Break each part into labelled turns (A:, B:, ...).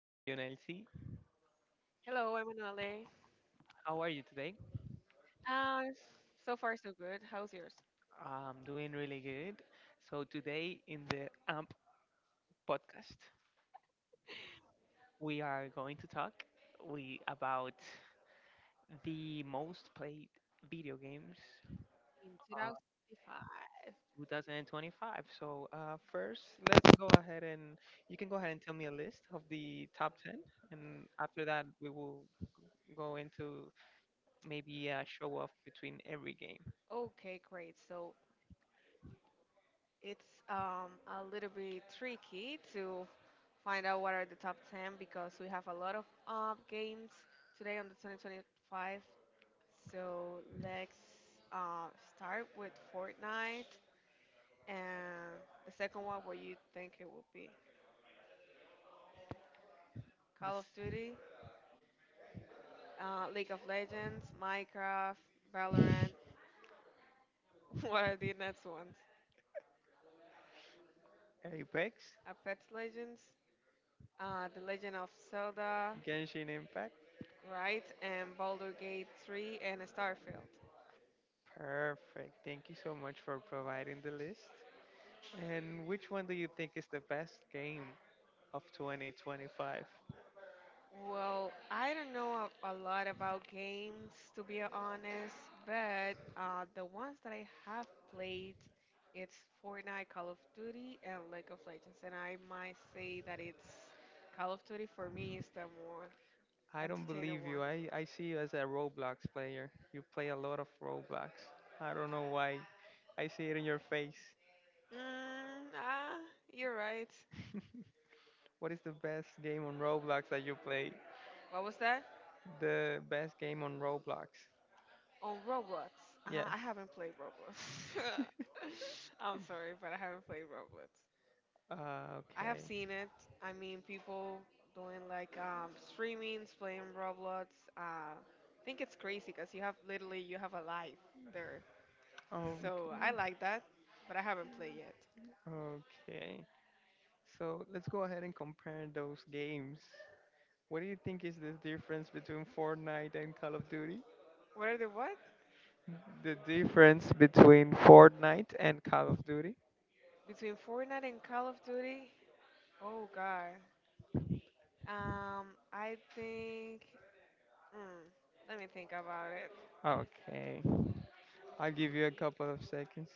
A: Hello, Yonelsi.
B: Hello, I'm Anale.
A: How are you today?
B: Uh, so far, so good. How's yours?
A: I'm doing really good. So today in the AMP podcast, we are going to talk we about the most played video games
B: In
A: on
B: 2025.
A: 2025. First, let's go ahead and you can go ahead and tell me a list of the top 10, and after that, we will go into maybe a show off between every game.
B: Okay, great. So it's a little bit tricky to find out what are the top 10 because we have a lot of games today on the 2025. So let's uh, start with Fortnite and the second one where you think it will be Call of
A: This
B: Duty, League of Legends, Minecraft, Valorant, what are the next ones?
A: Apex,
B: A Pet Legends, The Legend of Zelda,
A: Genshin Impact.
B: right? And Baldur's Gate 3 and Starfield.
A: Perfect. Thank you so much for providing the list. And which one do you think is the best game of 2025?
B: Well, I don't know a lot about games to be honest, but the ones that I have played, it's Fortnite, Call of Duty, and League of Legends. And I might say that it's Call of Duty for me is the more
A: I don't
B: entertaining
A: believe
B: one.
A: you. I see you as a Roblox player. You play a lot of Roblox. I don't know why. I see it in your face.
B: Mm, ah, you're right.
A: What is the best game on Roblox that you play?
B: What was that?
A: The best game on Roblox.
B: On Roblox,
A: Yes.
B: I haven't played Roblox. I'm sorry, but I haven't played Roblox. I have
A: Okay.
B: seen it. I mean, people doing like streamings, playing Roblox. I think it's crazy because you have literally you have a life there. So I
A: Okay.
B: like that, but I haven't played yet.
A: Okay. So let's go ahead and compare those games. What do you think is the difference between Fortnite and Call of Duty?
B: What are the what
A: The difference between Fortnite and Call of Duty?
B: between Fortnite and Call of Duty? Oh God. Um, I think. Mm, let me think about it.
A: Okay. I'll give you a couple of seconds.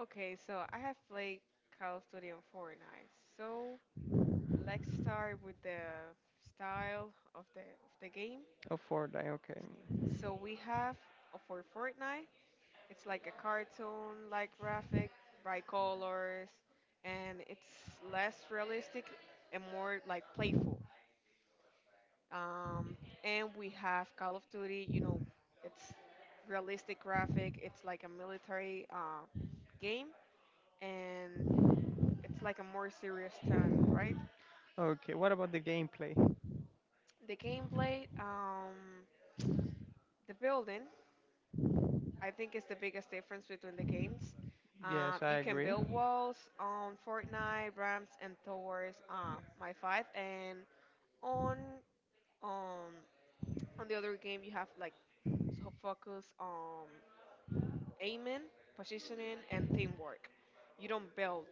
B: Okay, so I have played Call of Duty and Fortnite. So let's start with the style of the game.
A: Oh, Fortnite, okay.
B: So we have for Fortnite, it's like a cartoon like graphic, bright colors, and it's less realistic and more like playful. Um, and we have Call of Duty, you know, it's realistic graphic, it's like a military game and it's like a more serious turn, right?
A: Okay, what about the gameplay?
B: The gameplay, the building, I think is the biggest difference between the games.
A: Yes,
B: You
A: I.
B: can build walls on Fortnite, ramps and towers, my five, and on um on the other game you have like to focus on aiming, positioning, and teamwork. You don't build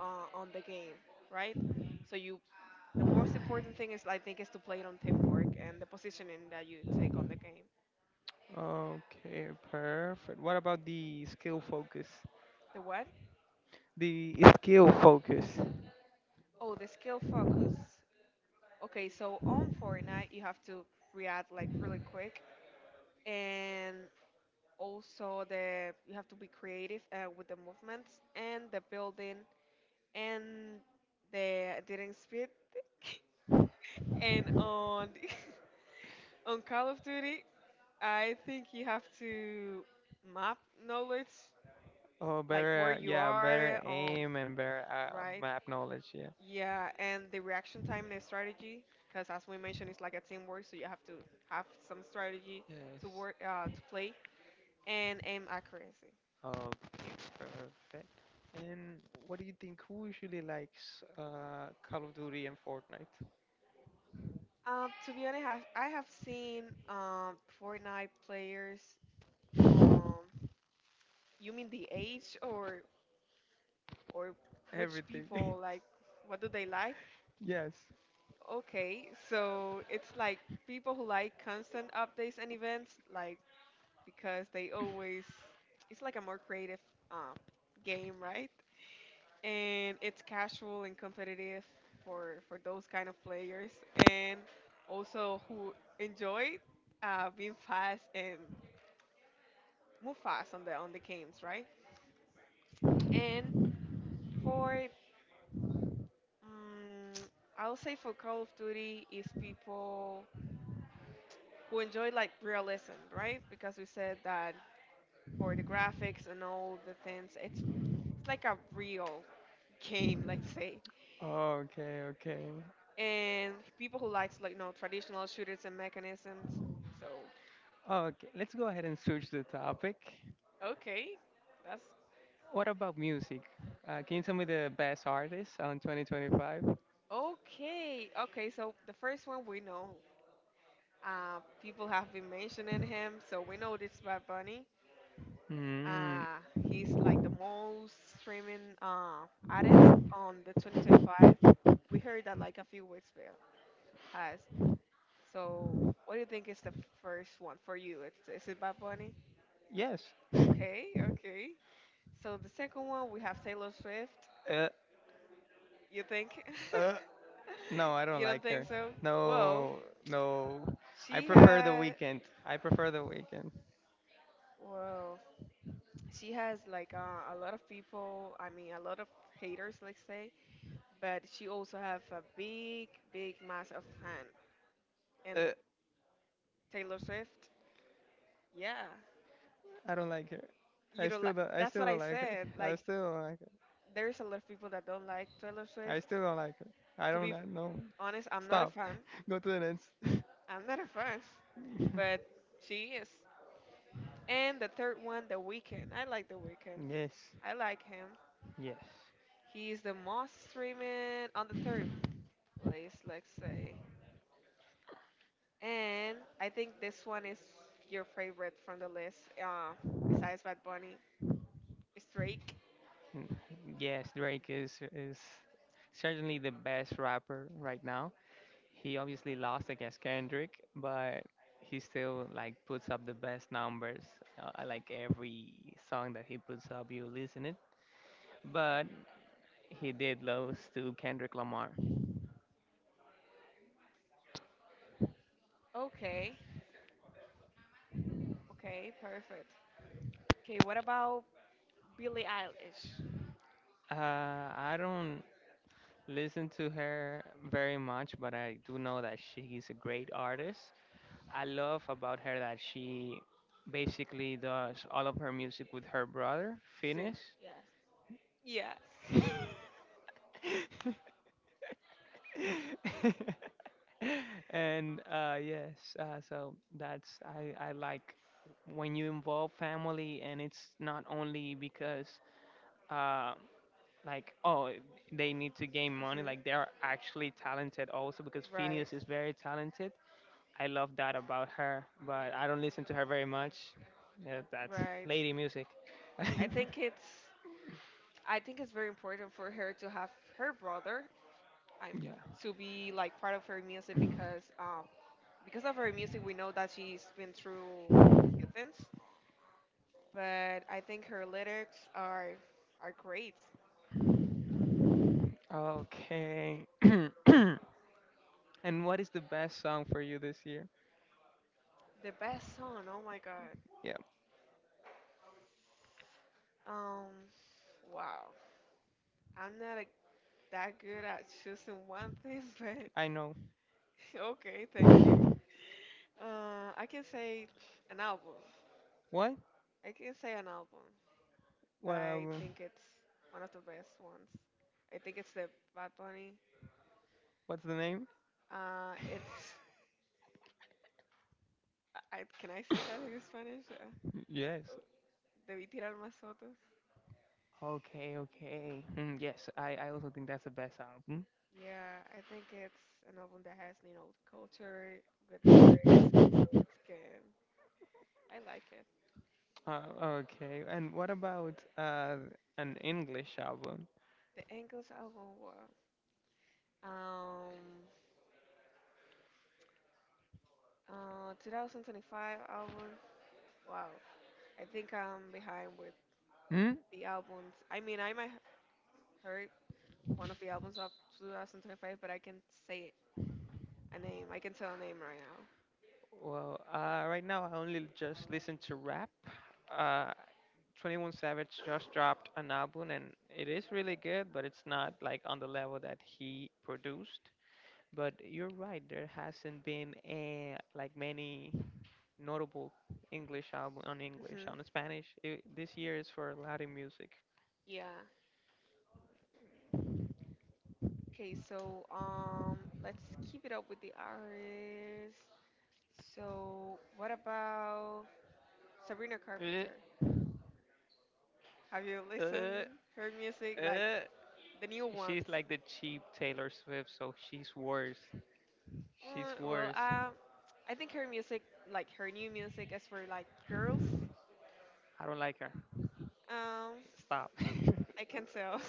B: on the game, right? So you, the most important thing is I think is to play it on teamwork and the positioning that you take on the game.
A: Okay, perfect. What about the skill focus?
B: The what?
A: The skill focus.
B: Oh, the skill focus. Okay, so on Fortnite you have to react like really quick and also the you have to be creative with the movements and the building and the dating speed and on on Call of Duty, I think you have to map knowledge,
A: Oh,
B: like where
A: better,
B: you
A: yeah,
B: are,
A: better aim and better
B: right?
A: map knowledge. Yeah.
B: Yeah, and the reaction time and the strategy, because as we mentioned, it's like a teamwork, so you have to have some strategy to work, to play, and aim accuracy.
A: Okay, perfect. And what do you think? Who usually likes Call of Duty and Fortnite?
B: Yeah. To be honest, I have seen Fortnite players. Um, you mean the age or which
A: Everything.
B: people like? What do they like?
A: Yes.
B: Okay, so it's like people who like constant updates and events, like because they always, it's like a more creative uh, game, right? And it's casual and competitive for those kind of players, and also who enjoy being fast and move fast on the games, right? And for mm I'll say for Call of Duty is people who enjoy like realism, right? Because we said that for the graphics and all the things, it's like a real game, let's say.
A: Okay, okay.
B: And people who likes like you know traditional shooters and mechanisms. So
A: Okay, let's go ahead and switch the topic.
B: okay, that's
A: What about music? Can you tell me the best artists on 2025?
B: okay. Okay, so the first one we know. People have been mentioning him, so we know this Bad Bunny.
A: Hmm.
B: Uh, he's like the most streaming artist on the 2025. We heard that like a few weeks ago. Pass. So, what do you think is the first one for you? It's, is it Bad Bunny?
A: Yes.
B: Okay, okay. So the second one we have Taylor Swift.
A: Uh,
B: You think?
A: uh, no, I don't
B: You don't
A: like
B: think
A: her.
B: so? Whoa,
A: No, no. I
B: she
A: prefer the
B: had
A: weekend. I prefer the weekend.
B: whoa, she has like a lot of people. I mean, a lot of haters, let's say. But she also have a big, big mass of fan. And Taylor Swift, yeah.
A: I don't like her.
B: You
A: I
B: don't
A: still
B: like,
A: don't. I
B: that's
A: still
B: what I
A: don't like
B: said.
A: her. I
B: Like
A: still don't like her.
B: there's a lot of people that don't like Taylor
A: I
B: Swift.
A: still don't like her. I
B: To
A: don't
B: be
A: know. No.
B: honest, I'm not a
A: Stop.
B: fan.
A: Go to the next.
B: I'm not a fan, but she is. And the third one, The Weeknd. I like The Weeknd.
A: Yes.
B: I like him.
A: Yes.
B: He's the most streaming on the third place, let's say. And I think this one is your favorite from the list, besides Bad Bunny. It's Drake.
A: Mm, yes. Drake is certainly the best rapper right now. He obviously lost against Kendrick, but he still like puts up the best numbers. I like every song that he puts up, you listen it. But he did lose to Kendrick Lamar.
B: Okay. Okay, perfect. Okay, what about Billie Eilish?
A: I don't listen to her very much, but I do know that she is a great artist. I love about her that she basically does all of her music with her brother,
B: See.
A: Finnish.
B: Yes. Yeah.
A: And so that's, I like when you involve family, and it's not only because uh, like oh they need to gain money, like they
B: Mm-hmm.
A: are actually talented also because
B: Right,
A: Phineas is very talented. I love that about her, but I don't listen to her very much. Yeah, that's
B: right.
A: lady music.
B: I think it's I think it's very important for her to have her brother I'm
A: Yeah.
B: to be like part of her music because of her music we know that she's been through a few things. But I think her lyrics are great.
A: Okay. And what is the best song for you this year?
B: The best song, oh my god.
A: Yeah,
B: Um wow. I'm not that good at choosing one thing, but
A: I know.
B: okay, thank you. Uh, I can say an album.
A: What?
B: I can say an album, but
A: What
B: I
A: album?
B: think it's one of the best ones. I think it's the Bad Bunny.
A: What's the name?
B: It's I can I say that in Spanish?
A: Yes.
B: Uh, Debí tirar más fotos.
A: Okay, okay. Mm, yes, I also think that's the best album.
B: Yeah, I think it's an album that has you know culture, good lyrics, so it's good. I like it.
A: Okay, and what about an English album?
B: The Angles album, wow. Um, 2025 album, wow. I think I'm behind with
A: Hmm?
B: the albums. I mean, I might have heard one of the albums of 2025, but I can say a name. I can tell a name right now.
A: Well, right now I only just listen to rap. Uh, 21 Savage just dropped an album and it is really good, but it's not like on the level that he produced. But you're right, there hasn't been a, like many notable English album on English,
B: hmm
A: on Spanish. It, this year is for Latin music.
B: Yeah. Okay, so let's keep it up with the artist. So, what about Sabrina Carpenter?
A: Uh,
B: Have you
A: uh,
B: listened her music, like
A: uh.
B: the new
A: She's
B: ones?
A: like the cheap Taylor Swift, so she's worse. She's
B: Uh, well,
A: worse.
B: um, I think her music, like her new music, is for like girls.
A: I don't like her.
B: Um,
A: Stop.
B: I can tell.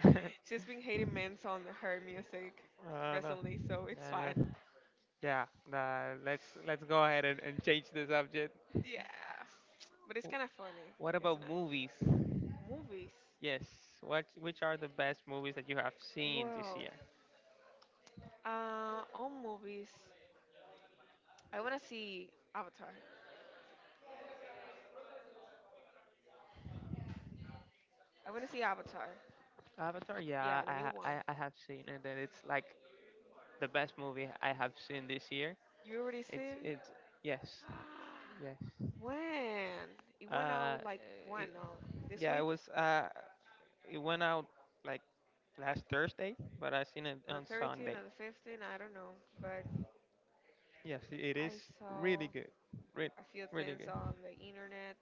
A: Stop.
B: She's been hating men on her music
A: No.
B: recently, so it's
A: No,
B: fine.
A: no. Yeah, let's go ahead and change the subject.
B: Yeah, but it's kind of funny.
A: What
B: It's
A: about
B: not
A: movies?
B: movies.
A: Yes, what which are the best movies that you have seen this
B: Well,
A: year?
B: on movies, I wanna see Avatar. I wanna see Avatar.
A: Avatar, yeah,
B: Yeah, the
A: I
B: new
A: ha-
B: one.
A: I, I have seen it, and it's like the best movie I have seen this year.
B: You already
A: It's
B: seen?
A: it's yes, yes.
B: When? It went
A: Uh,
B: out like when?
A: it,
B: No, this
A: yeah, it
B: week
A: was it went out like last Thursday, but I seen it
B: on the
A: on
B: 13th
A: Sunday.
B: or the 15th. I don't know, but
A: Yes, it is
B: I saw
A: really good. Re-
B: a few
A: Really
B: things
A: good.
B: on the internet,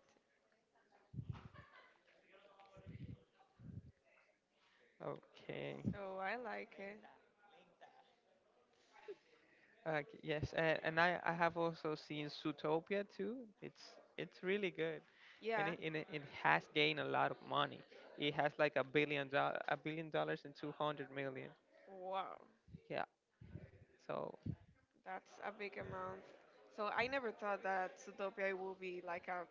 A: Okay.
B: so I like it.
A: Okay, yes, and I have also seen Zootopia too. It's it's really good, and
B: Yeah.
A: it has gained a lot of money. It has like $1 billion, $1 billion and 200 million.
B: Wow.
A: Yeah. So,
B: That's a big amount. So I never thought that Zootopia would be like a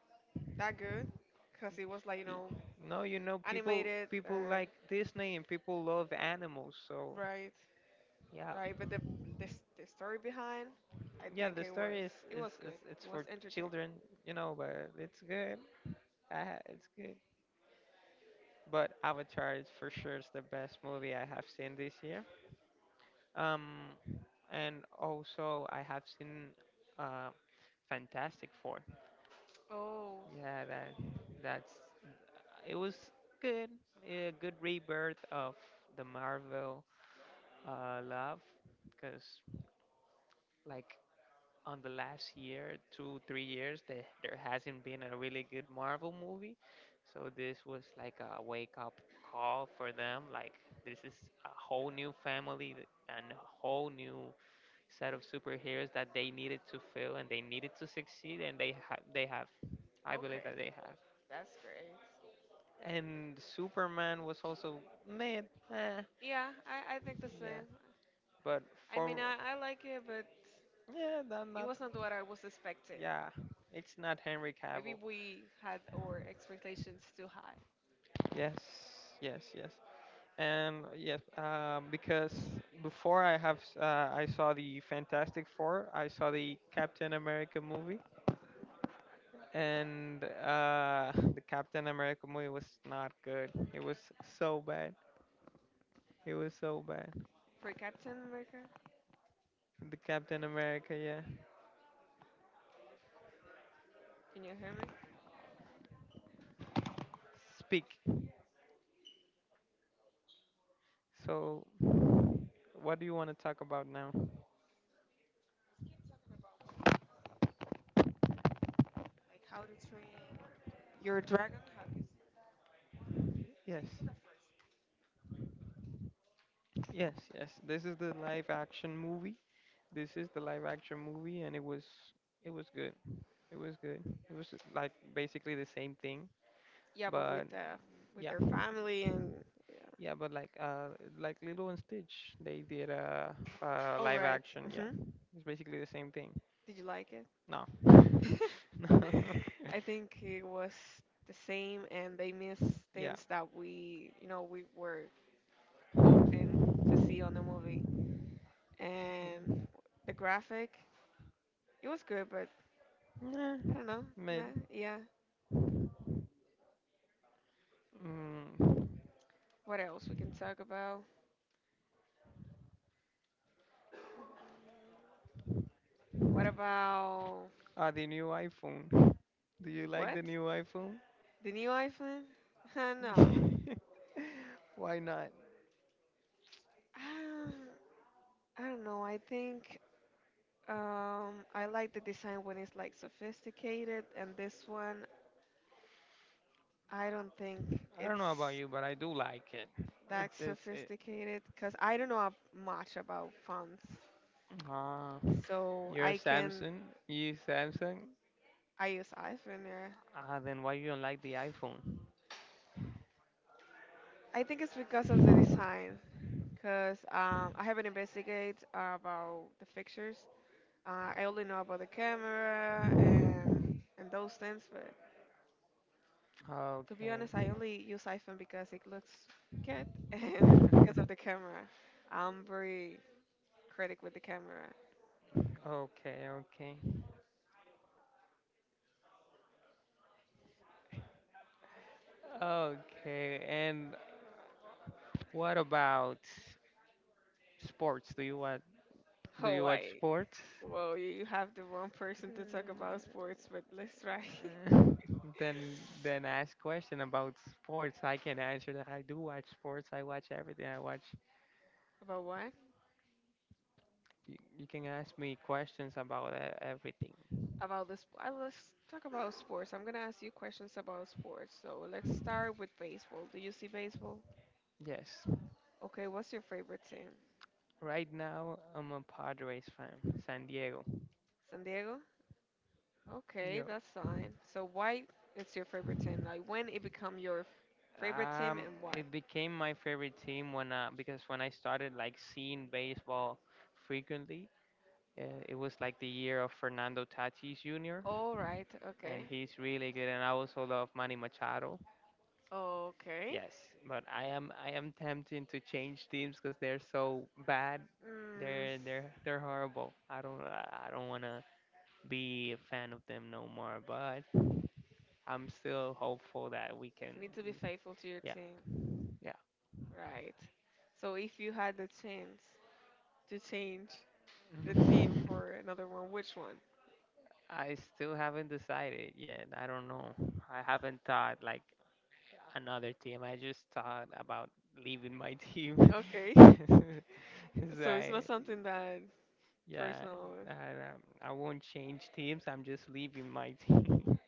B: that good, because it was like you
A: y-
B: know
A: no, you know, people
B: animated
A: people
B: and
A: like Disney and people love animals. So,
B: right,
A: yeah,
B: right. But the story behind, I
A: yeah,
B: think
A: the story
B: it was
A: is
B: good.
A: it's
B: It was
A: for
B: entertaining.
A: children, you know, but it's good. It's good. But Avatar is for sure is the best movie I have seen this year. Um, and also I have seen uh, Fantastic Four.
B: Oh,
A: Yeah, that that's it was good, a good rebirth of the Marvel love, because like on the last year, 2 3 years, there hasn't been a really good Marvel movie, so this was like a wake up call for them. Like this is a whole new family and a whole new set of superheroes that they needed to fill and they needed to succeed and they have I believe
B: okay,
A: that they have.
B: that's great.
A: And Superman was also mid, eh,
B: Yeah, I think the
A: yeah,
B: same.
A: but
B: I mean,
A: for,
B: I like it, but
A: yeah, that
B: it
A: not,
B: wasn't what I was expecting.
A: yeah, it's not Henry
B: Maybe
A: Cavill.
B: we had our expectations too high.
A: Yes, yes, yes. And yes, because before I saw the Fantastic Four, I saw the Captain America movie, and the Captain America movie was not good. It was so bad. It was so bad.
B: For Captain America,
A: The Captain America, yeah.
B: can you hear me?
A: Speak. So, what do you want to talk about now?
B: Like How to Train Your Dragon. Have you seen? I
A: Yes,
B: saw the first
A: yes, yes. This is the live action movie. This is the live action movie, and it was good. It was good. It was like basically the same thing,
B: one. Yeah, but
A: but
B: with the with
A: yeah,
B: their family and yeah.
A: yeah, but like Lilo and Stitch, they did a
B: Oh
A: live
B: right.
A: action. Yeah,
B: Mm-hmm.
A: it's basically the same thing.
B: Did you like it?
A: No, no,
B: I think it was the same, and they missed
A: yeah,
B: things that we, you know, we were hoping to see on the movie. And the graphic, it was good, but
A: nah,
B: I don't know.
A: mid.
B: Meh, yeah.
A: Mm.
B: What else we can talk about? What about
A: Ah, the new iPhone. Do you like
B: what?
A: the new iPhone?
B: The new iPhone? Huh, nah.
A: Why not?
B: Um, I don't know. I think I like the design when it's like sophisticated, and this one I don't think
A: I don't know about
B: it's
A: you, but I do like it.
B: that
A: It's it.
B: sophisticated because I don't know much about fonts,
A: Ah,
B: so
A: you're a
B: I can
A: Samsung. You Samsung.
B: I use iPhone. Yeah.
A: Ah, then why you don't like the iPhone?
B: I think it's because of the design, because I haven't investigated about the fixtures. I only know about the camera and those things, but to be honest, I
A: Okay.
B: only use iPhone because it looks good and because of the camera. I'm very critic with the camera.
A: Okay, okay. Okay, and what about sports? Do
B: Oh,
A: you watch
B: wait.
A: sports?
B: Well, you have the wrong person to talk about sports, but let's try.
A: Then ask question about sports. I can answer that. I do watch sports. I watch everything. I watch.
B: About what?
A: You can ask me questions about everything.
B: About this. Let's talk about sports. I'm gonna ask you questions about sports. So let's start with baseball. Do you see baseball?
A: Yes.
B: Okay, what's your favorite team?
A: Right now I'm a Padres fan, San Diego.
B: San Diego? Okay,
A: Yo.
B: that's fine. So why it's your favorite team? Like when it become your favorite team
A: Um,
B: and why?
A: it became my favorite team when because when I started like seeing baseball frequently, uh, it was like the year of Fernando Tatis Jr.
B: All right.
A: and
B: Okay.
A: he's really good, and I also love Manny Machado.
B: Okay.
A: Yes, but I am tempted to change teams because they're so bad.
B: Mm,
A: They're horrible. I don't wanna be a fan of them no more. But I'm still hopeful that we can.
B: need to be faithful to your
A: Yeah,
B: team. Right. So if you had the chance to change the
A: yeah.
B: team for another one, which one?
A: I still haven't decided yet. I don't know. I haven't thought like another team. I just thought about leaving my team.
B: Okay.
A: It's
B: So it's not
A: like,
B: something that
A: yeah,
B: personal.
A: I won't change teams. I'm just leaving my team.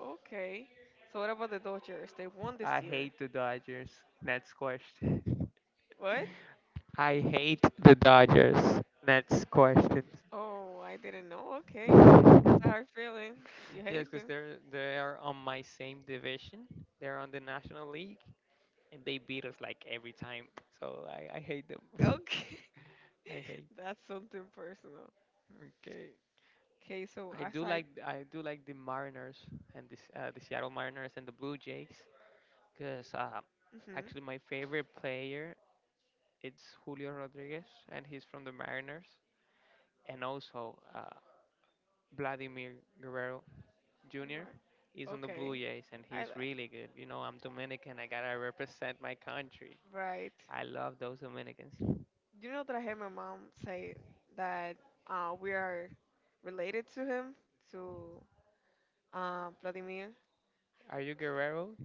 B: Okay. So what about the Dodgers? They won this
A: I
B: year.
A: hate the Dodgers. Next question.
B: What?
A: I hate the Dodgers. Next question.
B: Oh, I didn't know. Okay. That's a hard feeling. You
A: Yes,
B: hate
A: because
B: them.
A: they are on my same division. They're on the National League, and they beat us like every time. So I hate them.
B: Okay.
A: I hate.
B: That's something personal.
A: Okay.
B: Okay, so
A: I do
B: aside.
A: like I do like the Mariners and the Seattle Mariners and the Blue Jays because
B: Mhm.
A: actually my favorite player it's Julio Rodriguez and he's from the Mariners and also Vladimir Guerrero Jr. is
B: Right.
A: on the Blue
B: Okay.
A: Jays and
B: I li-
A: he's really good. You know I'm Dominican. I gotta represent my country.
B: right.
A: I love those Dominicans.
B: You know that I heard my mom say that we are related to him, to Vladimir.
A: Are you Guerrero?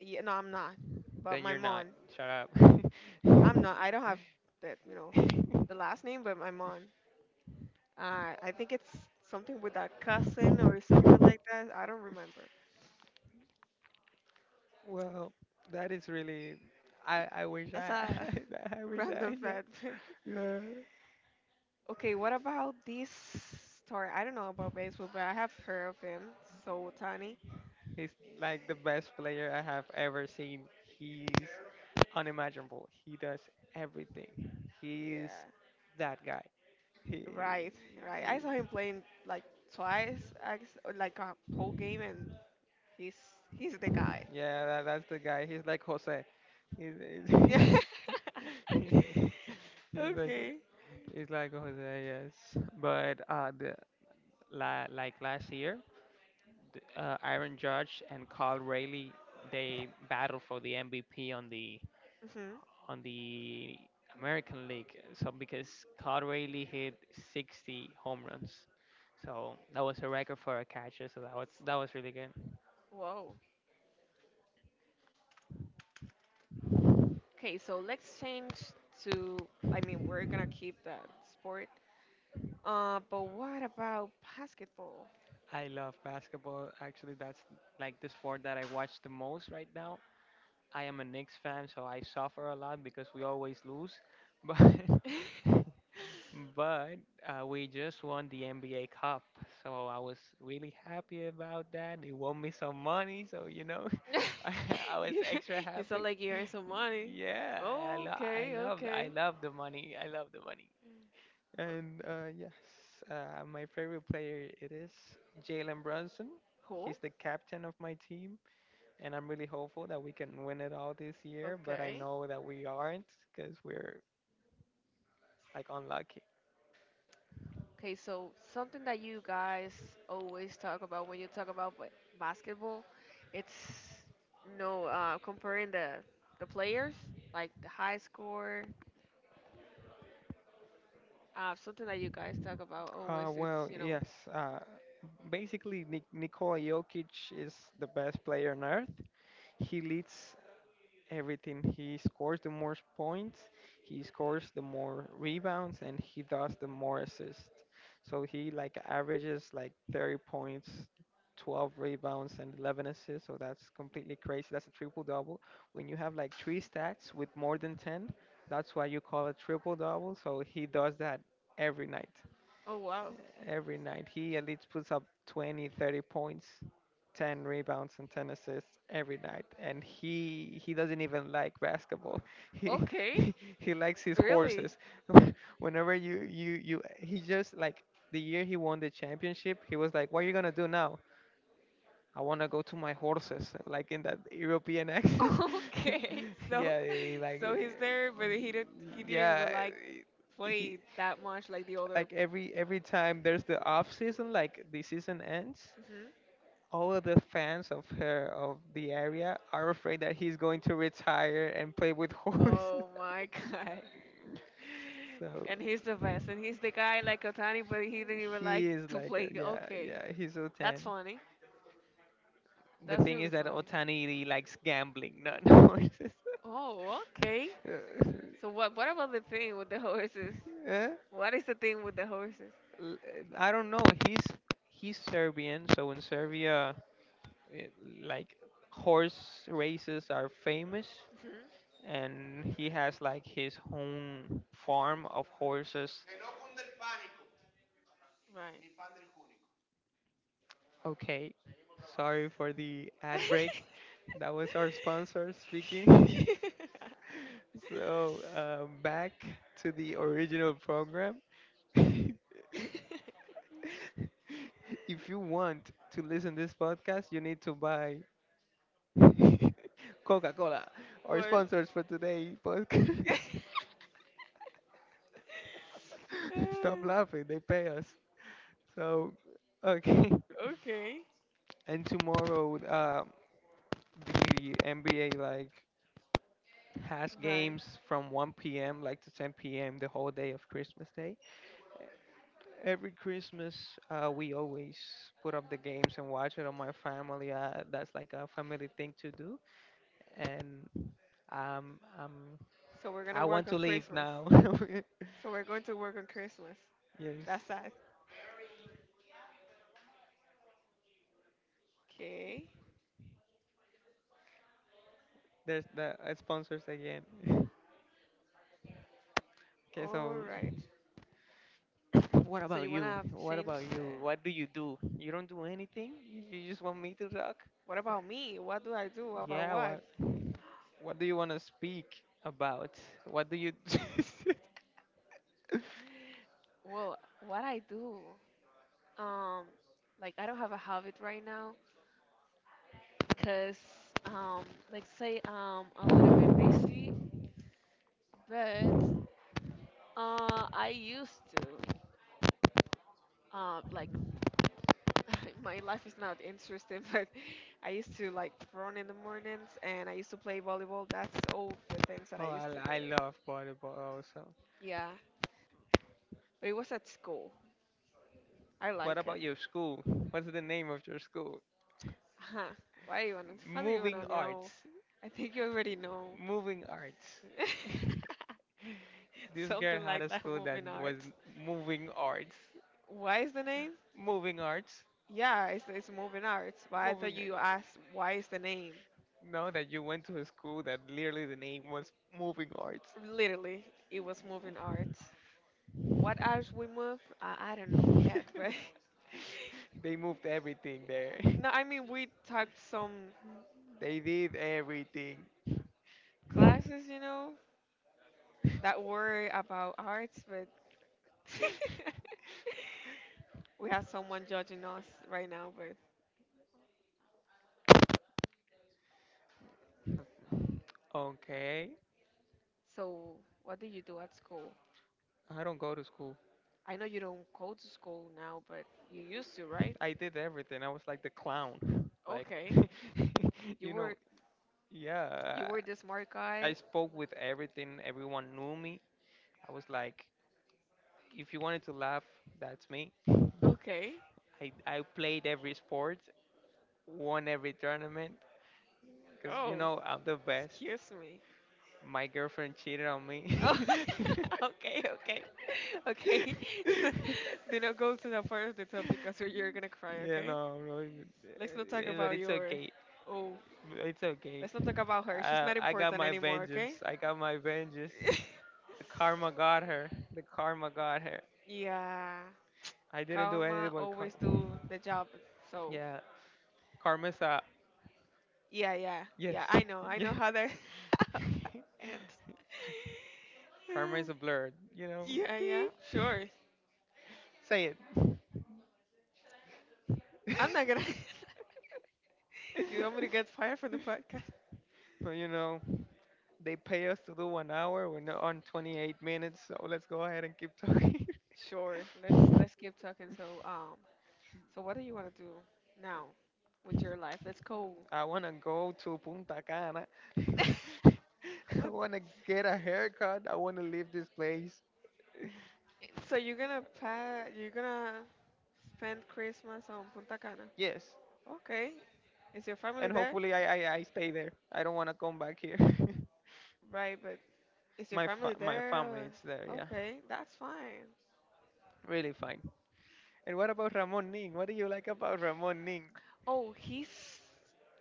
B: Yeah, no, I'm not. But my
A: You're not.
B: mom,
A: Shut
B: I'm
A: up.
B: not. I don't have that, you know, the last name, but my mom. I think it's something with a cousin or something like that. I don't remember.
A: Well, that is really.
B: Y-
A: I wish
B: That's
A: I
B: a
A: I wish
B: random
A: I, yeah,
B: fact.
A: yeah.
B: Okay, what about this story? I don't know about baseball, but I have heard of him. So Tani.
A: He's like the best player I have ever seen. He's unimaginable. He does everything. He is
B: Yeah.
A: that guy. He
B: Right, right. I saw him playing like twice, I guess, or, like a whole game, and he's he's the guy.
A: yeah that, that's the guy. He's like Jose. He's, he's,
B: Yeah.
A: he's he's like
B: Okay.
A: he's like Jose, yes. But the like last year Aaron Judge and Carl Raleigh they battle for the MVP
B: Hmm.
A: on the American League. So because Carl Raleigh hit 60 home runs, so that was a record for a catcher. So that was really good.
B: Whoa. Okay, so let's change to. I mean, we're gonna keep that sport. But what about basketball?
A: I love basketball. Actually, that's like the sport that I watch the most right now. I am a Knicks fan, so I suffer a lot because we always lose. But But we just won the NBA Cup, so I was really happy about that. They won me some money, so you know, I, I was
B: you
A: extra
B: you sound
A: happy.
B: like you earn some money.
A: Yeah, I
B: Oh,
A: lo- I
B: okay,
A: love I
B: okay.
A: love the money. I love the money. And yes, my favorite player it is Jalen Brunson.
B: Cool.
A: He's the captain of my team, and I'm really hopeful that we can win it all this year. But I
B: Okay.
A: know that we aren't because we're like unlucky.
B: Okay, so something that you guys always talk about when you talk about basketball, it's comparing the players, like the high score. Something that you guys talk about always,
A: Well,
B: it's.
A: yes. Uh, basically, Nikola Jokic is the best player on earth. He leads everything. He scores the most points, he scores the more rebounds, and he does the more assists. So he like averages like 30 points, 12 rebounds, and 11 assists. So that's completely crazy. That's a triple double. When you have like three stats with more than 10, that's why you call it triple double. So he does that every night.
B: Oh wow,
A: Every night, he at least puts up 20, 30 points, 10 rebounds, and 10 assists every night. And he doesn't even like basketball. He
B: okay,
A: he likes his
B: really,
A: horses. Whenever you you you, he just like the year he won the championship, he was like, "What are you gonna do now? I wanna go to my horses," like in that European accent.
B: okay. So,
A: Yeah,
B: he's there, but he didn't
A: yeah
B: even like
A: he
B: played that much like the other.
A: like every time there's the off season, like the season ends,
B: Mhm.
A: all of the fans of the area are afraid that he's going to retire and play with horses.
B: Oh my God.
A: So
B: And he's the best. And he's the guy like Otani, but he didn't even like
A: he is
B: to
A: like,
B: play.
A: yeah,
B: Okay.
A: yeah, he's
B: That's
A: Otani.
B: funny.
A: The
B: That's
A: thing
B: really
A: is that
B: funny.
A: Otani likes gambling, not horses.
B: Oh, okay.
A: Uh,
B: So what about the thing with the horses?
A: eh?
B: What is the thing with the horses?
A: L- I don't know. He's he's Serbian, so in Serbia, it, like horse races are famous,
B: Mhm.
A: and he has like his own farm of horses.
B: Right.
A: Okay, sorry for the ad break. That was our sponsor speaking. So, back to the original program. If you want to listen this podcast, you need to buy Coca Cola, our
B: What?
A: sponsors for today podcast. Stop laughing, they pay us. So, okay.
B: Okay.
A: And tomorrow, the NBA like has
B: Right.
A: games from 1 p.m. like to 10 p.m., the whole day of Christmas Day. Every Christmas, we always put up the games and watch it on my family. That's like a family thing to do, and um, um,
B: So we're gonna
A: I want
B: work
A: to
B: on
A: leave
B: Christmas.
A: now.
B: So we're going to work on Christmas.
A: Yes,
B: That's sad. Okay.
A: there's the sponsors again. Okay,
B: All
A: so
B: right.
A: what
B: So
A: about
B: you
A: you?
B: wanna
A: What
B: change
A: about
B: the?
A: you? What do? You don't do anything. You just want me to talk?
B: What about me? What do I do? About
A: Yeah,
B: what?
A: what do you want to speak about? What do you?
B: Well, what I do? Um, like I don't have a habit right now, cause um, like say I'm a little bit busy, but I used to like my life is not interesting, but I used to like run in the mornings and I used to play volleyball. That's all the things that I
A: Oh,
B: used to
A: I
B: do.
A: love volleyball also.
B: Yeah, but it was at school. I
A: What
B: like
A: about
B: it.
A: your school? What's the name of your school?
B: Huh. Why you wanna? What do you wanna
A: Moving Arts.
B: know? I think you already know.
A: Moving Arts. This girl
B: Something
A: had a
B: like that.
A: school that
B: Moving
A: was
B: Arts.
A: Moving Arts.
B: Why is the name?
A: Moving Arts.
B: Yeah, it's Moving Arts. But I thought you asked why is the name.
A: Now that you went to a school that literally the name was Moving Arts.
B: Literally, it was moving arts. What arts we move? I don't know yet, but
A: They moved everything there.
B: No, I mean we took some
A: They did everything.
B: classes, you know, that were about arts, but we have someone judging us right now. But
A: Okay.
B: so, what do you do at school?
A: I don't go to school.
B: I know you don't go to school now, but you used to, right?
A: I did everything. I was like the clown. Like,
B: Okay, you
A: you know,
B: were you
A: yeah,
B: were the smart
A: I
B: guy.
A: spoke with everything. Everyone knew me. I was like, if you wanted to laugh, that's me.
B: Okay.
A: I played every sport, won every tournament, because,
B: Oh,
A: I'm the best.
B: excuse me.
A: My girlfriend cheated on me.
B: Oh, okay, okay, okay. Do not go to the part of the topic because you're gonna cry.
A: Yeah,
B: Okay.
A: no, no,
B: Let's not talk
A: but
B: about
A: it's
B: your.
A: okay.
B: Oh,
A: It's okay.
B: let's not talk about her. She's
A: I,
B: not
A: I got
B: important
A: my
B: anymore.
A: vengeance.
B: Okay.
A: I got my vengeance. The karma got her. The karma got her.
B: Yeah.
A: I didn't anything
B: Karma
A: but
B: always do the job. So
A: yeah. Karma's a
B: yeah, yeah,
A: yes.
B: yeah. I know. I know how that ends.
A: Karma
B: Yeah,
A: is a blur. You know.
B: yeah, yeah.
A: See?
B: Sure.
A: Say it.
B: I'm not gonna. You want me to get fired from the podcast?
A: But they pay us to do 1 hour. We're not on 28 minutes, so let's go ahead and keep talking.
B: Sure. Let's keep talking. So. So what do you want to do now with your life? Let's go.
A: I wanna go to Punta Cana. I
B: What-
A: wanna get a haircut. I wanna leave this place.
B: So you're gonna you're gonna spend Christmas on Punta Cana.
A: Yes.
B: Okay. Is your family
A: And
B: there?
A: hopefully I stay there. I don't wanna come back here.
B: Right, but is your
A: My
B: family
A: fa- my family,
B: there?
A: it's there, yeah.
B: Okay, that's fine.
A: Really fine. And what about Ramon Ning? What do you like about Ramon Ning?
B: Oh, he's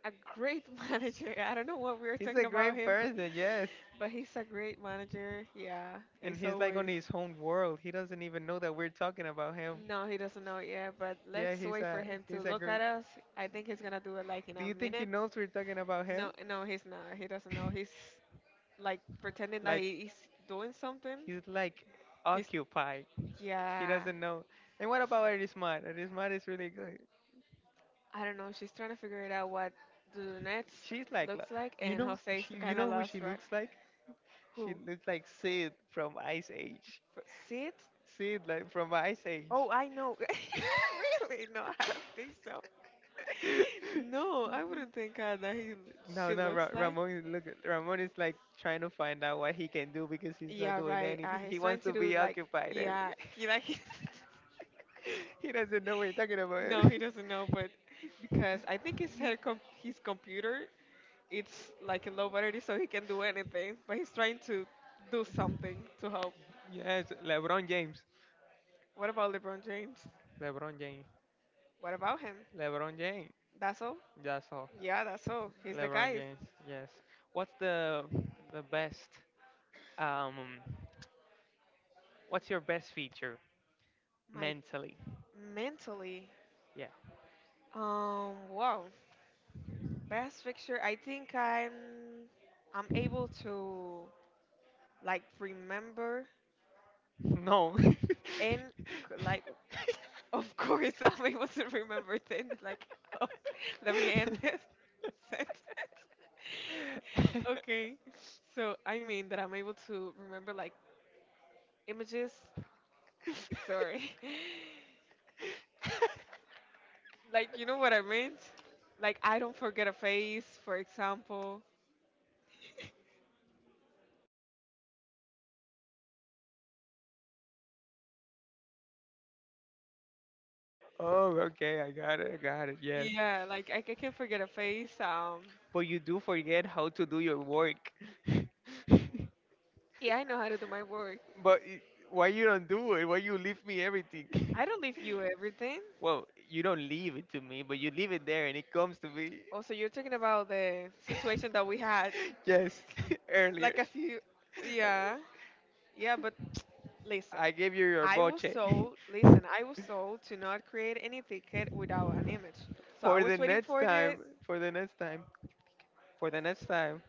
B: a great manager. I don't know what we were
A: He's
B: talking
A: a
B: about
A: great
B: him, but
A: person, yes.
B: he's a great manager. Yeah,
A: And
B: he's
A: he's like on
B: always.
A: his own world. He doesn't even know that we're talking about him.
B: No, he doesn't know it yet, but
A: Yeah,
B: let's
A: he's
B: wait for
A: a
B: him to
A: he's a
B: look
A: great.
B: at us. I think he's gonna do it like in
A: Do
B: a
A: you think he
B: minute.
A: knows we're talking about him?
B: No, no, he's not. He doesn't know. He's like pretending that
A: Like
B: he is doing something.
A: he's like
B: He's,
A: occupied. He
B: yeah,
A: doesn't know. And what about Erismat? Erismat is really good.
B: I don't know. She's trying to figure it out what the lunettes
A: She's like,
B: looks like, and Jose is
A: you
B: kind of
A: know who
B: lost,
A: she
B: right?
A: looks like? She
B: Who?
A: looks like Sid from Ice Age.
B: Sid?
A: Sid like from Ice Age.
B: Oh, I know. Really? No, I don't think so. No, I wouldn't think that he
A: No,
B: she
A: no,
B: looks like.
A: Ramon is look. Ramon is like trying to find out what he can do because he's not
B: Yeah,
A: doing
B: right.
A: anything.
B: He's
A: He
B: trying
A: wants
B: to
A: to
B: do
A: be
B: like,
A: occupied. Every.
B: yeah, he like he doesn't
A: He doesn't know what you're talking about.
B: know what you're talking about. No, he doesn't know, but because I think his head his computer it's like in low battery, so he can do anything. But he's trying to do something to help.
A: Yes, LeBron James.
B: What about LeBron James?
A: LeBron James.
B: What about him?
A: LeBron James.
B: That's all.
A: That's all.
B: Yeah, that's all. He's the
A: LeBron
B: guy.
A: James. Yes. What's the best? Um, what's your best feature
B: My
A: mentally?
B: mentally,
A: Yeah.
B: wow, best picture. I think I'm able to like remember
A: No.
B: and like of course, I wasn't remember things like, oh, let me end this sentence. Okay, so I mean that I'm able to remember like images. Sorry, like you know what I meant. Like I don't forget a face, for example.
A: Oh, okay. I got it. I got it. Yes.
B: Yeah, like I can forget a face.
A: But you do forget how to do your work.
B: Yeah, I know how to do my work.
A: But why you don't do it? Why you leave me everything?
B: I don't leave you everything.
A: Well, you don't leave it to me, but you leave it there and it comes to me.
B: Also, you're talking about the situation that we had
A: Yes, earlier.
B: like a few. Yeah, yeah, but listen,
A: I gave you your
B: I was told, listen, I was told to not create any ticket without an image. So I
A: for
B: was
A: the
B: waiting
A: next
B: for the,
A: time, for the next time, for the next time.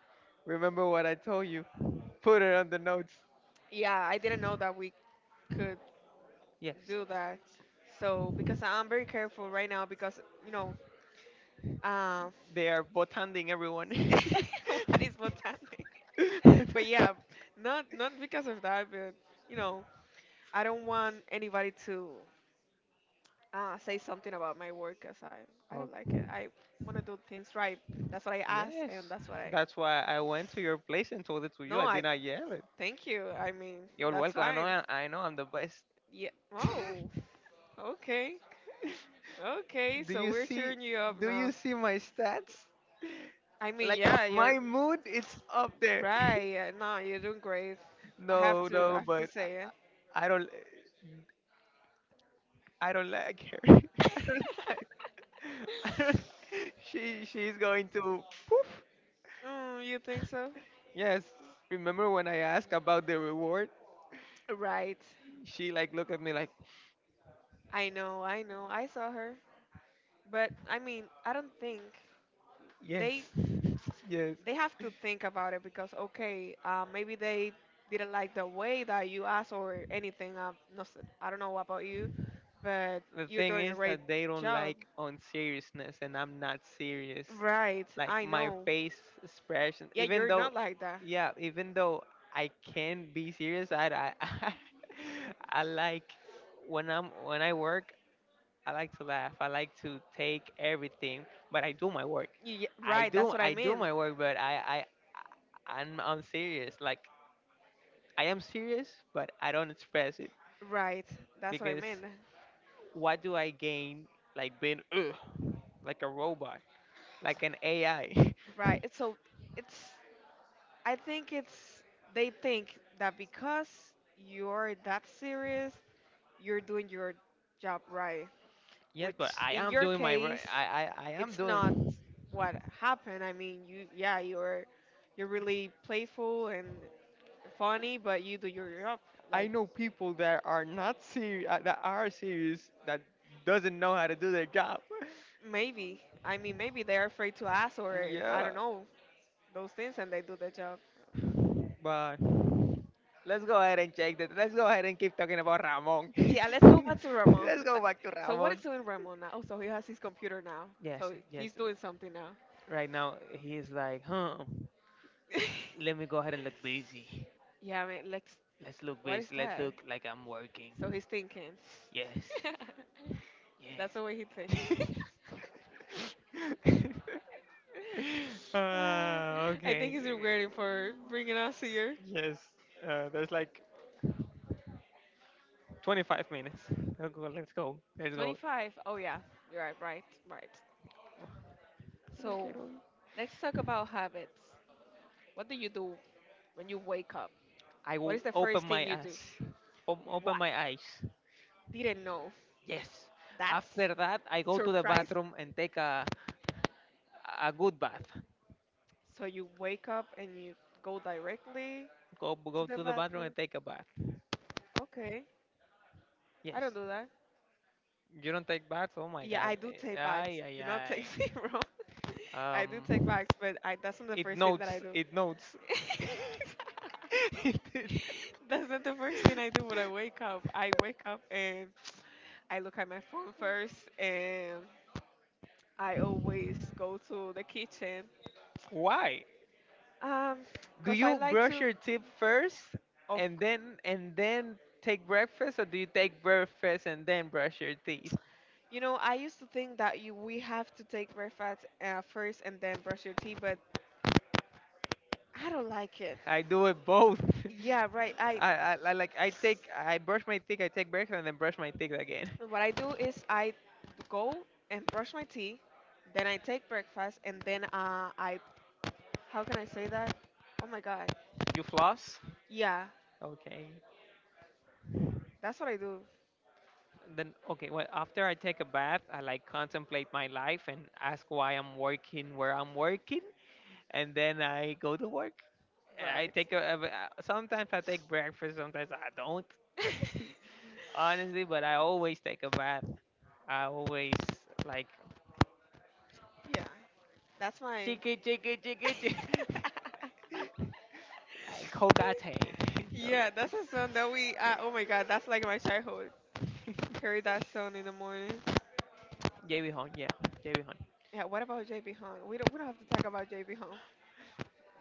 A: Remember what I told you. Put it on the notes.
B: yeah, I didn't know that we could
A: Yes.
B: do that. So because I'm very careful right now because, you know, um,
A: They are botanding everyone.
B: what is botanic? But yeah, not because of that, but you know, I don't want anybody to say something about my work because I don't like it.
A: Okay.
B: I want to do things right. That's what I ask,
A: Yes.
B: and that's what I.
A: That's why I went to your place and told it to you.
B: No,
A: I
B: I
A: did not yell it.
B: thank you. I mean,
A: You're
B: that's
A: welcome. I know.
B: fine.
A: I know. I'm the best.
B: Yeah. Oh, okay. Okay,
A: Do
B: so
A: you
B: we're
A: see?
B: cheering you up
A: Do
B: now.
A: you see my stats?
B: I mean,
A: Like
B: yeah, you're
A: my mood, it's up there.
B: right. Yeah, no, you're doing great. I have
A: No,
B: to
A: no,
B: I have to
A: but
B: say it.
A: I don't. I don't like her. I don't like. I don't, she's going to poof.
B: You think so?
A: Yes. Remember when I asked about the reward?
B: Right.
A: She like looked at me like
B: I know, I know. I saw her. But I mean, I don't think
A: yes.
B: they
A: Yes.
B: they have to think about it because okay, maybe they didn't like the way that you asked or anything. Nothing. I don't know about you. But
A: The
B: you're
A: thing
B: doing a
A: is
B: great
A: that they don't
B: job.
A: like on seriousness and I'm not serious.
B: Right, I
A: My
B: know.
A: face expression.
B: Yeah,
A: Even
B: you're not like that.
A: yeah, even though I can be serious, I, like when I work. I like to laugh. I like to take everything, but I do my work.
B: You, yeah,
A: I,
B: right, that's what I
A: I do
B: mean.
A: my work, but I'm serious. Like I am serious, but I don't express it
B: Right, that's what I
A: because
B: mean.
A: what do I gain like being like a robot, like an AI?
B: Right, it's so it's, I think it's, they think that because you're that serious, you're doing your job right,
A: Yes,
B: which
A: but I
B: in
A: am
B: your
A: doing my wor-
B: case,
A: I am
B: it's not
A: doing
B: what happened. I mean, you, yeah, you're really playful and funny, but you do your job
A: I
B: like.
A: know people that are not serious, that are serious, that doesn't know how to do their job.
B: Maybe. I mean, maybe they're afraid to ask, or I don't know, those things, and they do the job.
A: But let's go ahead and check that. Let's go ahead and keep talking about Ramon.
B: Yeah, let's go back to Ramon.
A: Let's go back to
B: So, what is
A: Ramon.
B: doing Ramon now? Oh, so he has his computer now.
A: Yes,
B: So,
A: yes.
B: he's doing something now.
A: Right now he's like, huh? Let me go ahead and look busy.
B: Yeah, I mean, let's.
A: Let's look
B: What is
A: busy. Let's
B: that?
A: look like I'm
B: So,
A: working.
B: he's thinking.
A: Yes.
B: That's
A: Yes.
B: the way he thinks. Uh, I think
A: Okay.
B: he's rewarding for bringing us here.
A: Yes. There's like 25 minutes. Let's go. Let's go. Let's go.
B: 25. Oh, yeah. You're right, right, right.
A: No
B: So,
A: quiero ir.
B: let's talk about habits. What do you do when you wake up,
A: I
B: what
A: will
B: is the first
A: my
B: thing you do?
A: ass. Open
B: What?
A: my eyes.
B: Didn't know.
A: Yes.
B: That's
A: After that, I go to the
B: surprising.
A: bathroom and take a good bath.
B: So you wake up and you go directly
A: Go
B: to
A: go
B: the
A: to the bathroom
B: bathroom.
A: and take a bath.
B: Okay. I
A: Yes.
B: don't do that.
A: You don't take baths? Oh my
B: Yeah,
A: God.
B: I do
A: Eh,
B: take baths.
A: Ay ay
B: Do not take
A: ay.
B: me wrong. I do take
A: Um.
B: baths, but I, that's not the
A: It
B: first thing that I
A: notes.
B: do.
A: It notes.
B: That's not the first thing I do when I wake up. I wake up and I look at my phone first, and I always go to the kitchen.
A: Why?
B: Um,
A: Do
B: because I
A: you
B: like
A: brush
B: to.
A: your teeth first
B: Of,
A: and then take breakfast, or do you take breakfast and then brush your teeth?
B: I used to think that you we have to take breakfast first and then brush your teeth, but I don't like it.
A: I do it both.
B: Yeah, right. I
A: I like I brush my teeth, I take breakfast, and then brush my teeth again.
B: what I do is I go and brush my teeth, then I take breakfast, and then I how can I say that? Oh my God.
A: You floss?
B: Yeah,
A: Okay.
B: that's what I do.
A: Then okay. Well, after I take a bath, I like contemplate my life and ask why I'm working where I'm working, and then I go to work. I
B: Right.
A: take sometimes I take breakfast, sometimes I don't. Honestly, but I always take a bath. I always like
B: yeah, that's my
A: chicken, chicken, chicken. Like whole
B: yeah,
A: okay.
B: that's a song that we. Oh my God, that's like my childhood. Heard that song in the morning.
A: JB Hon, yeah, JB Hon.
B: Yeah. What about JB Hung? We don't have to talk about JB Hung.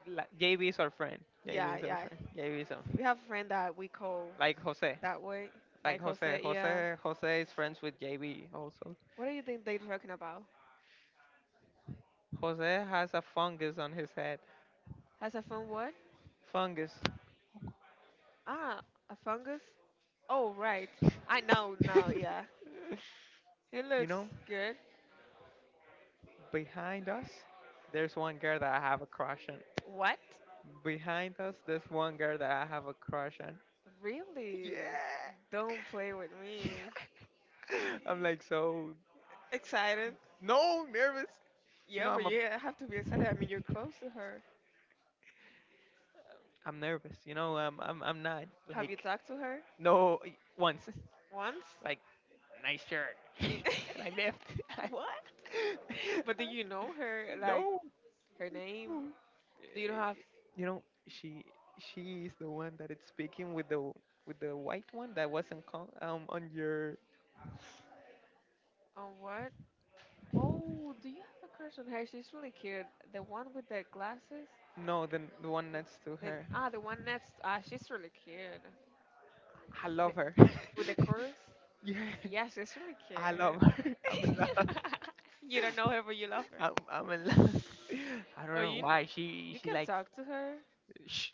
A: Like, JB is our friend. JB
B: Yeah,
A: is our
B: yeah.
A: friend. JB is our friend.
B: We have a friend that we call
A: Like Jose,
B: that way,
A: like
B: like
A: Jose,
B: Jose. Yeah.
A: Jose, Jose is friends with JB also.
B: What do you think they're talking about?
A: Jose has a fungus on his head.
B: Has a fun what?
A: Fungus.
B: Ah, a fungus. Oh, right. I know now. Yeah. He
A: you
B: looks
A: know,
B: good.
A: behind us, there's one girl that I have a crush on.
B: What?
A: Behind us, there's one girl that I have a crush on. Yeah.
B: Really? Don't play with me.
A: I'm like so
B: Excited.
A: no nervous. You
B: Yeah,
A: know,
B: but
A: I'm a
B: you have to be excited. I mean, you're close to her.
A: I'm nervous. I'm not
B: Have you
A: like
B: talked to her
A: no once.
B: once?
A: Like nice shirt, and I left.
B: What? But do you know her? Like
A: No,
B: her name?
A: no.
B: Do you have?
A: You know she she is the one that is speaking with the white one that wasn't call, on your
B: Oh, what? Oh, do you have a crush on her? She's really cute. The one with the glasses.
A: no the one next to
B: Then
A: her.
B: the one next. Ah, she's really cute.
A: I
B: The,
A: love her.
B: with the curves.
A: Yeah,
B: Yeah, she's really
A: I love her. I'm in
B: cute.
A: love.
B: You don't know her, but you love her.
A: I'm in love. I don't
B: Oh,
A: know
B: you,
A: why she
B: you
A: she
B: can
A: likes
B: talk to her.
A: shh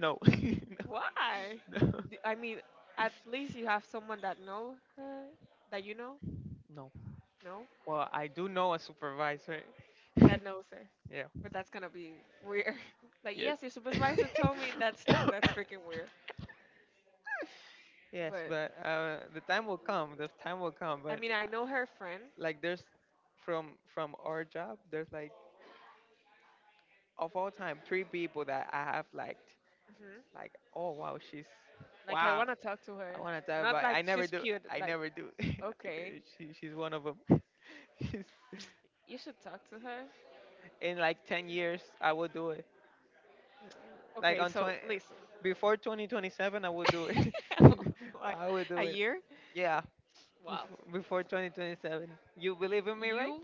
A: no no
B: Why?
A: no
B: I mean, at least you have someone that know her, that you know,
A: no.
B: no,
A: Well, I do know a supervisor.
B: that knows her.
A: Yeah.
B: But that's gonna be weird. Like, yes, your supervisor told me that's freaking weird.
A: Yes,
B: But
A: but the time will come. The time will come.
B: I
A: But
B: mean, I know her friend.
A: like, there's from our job, there's like of all time three people that I have liked.
B: hmm
A: Like, oh wow, she's
B: Like, I
A: wow.
B: wanna talk to her.
A: Wanna. T-
B: Not like
A: never
B: she's
A: do.
B: cute.
A: I
B: Like,
A: never do.
B: okay,
A: She's one of them. she's,
B: you should talk to her.
A: in like 10 years, I will do it. Like
B: Okay,
A: on
B: so
A: 20,
B: listen.
A: before 2027, I would do it.
B: What?
A: I would,
B: A year?
A: yeah,
B: Wow.
A: before 2027. You believe in me, right?
B: You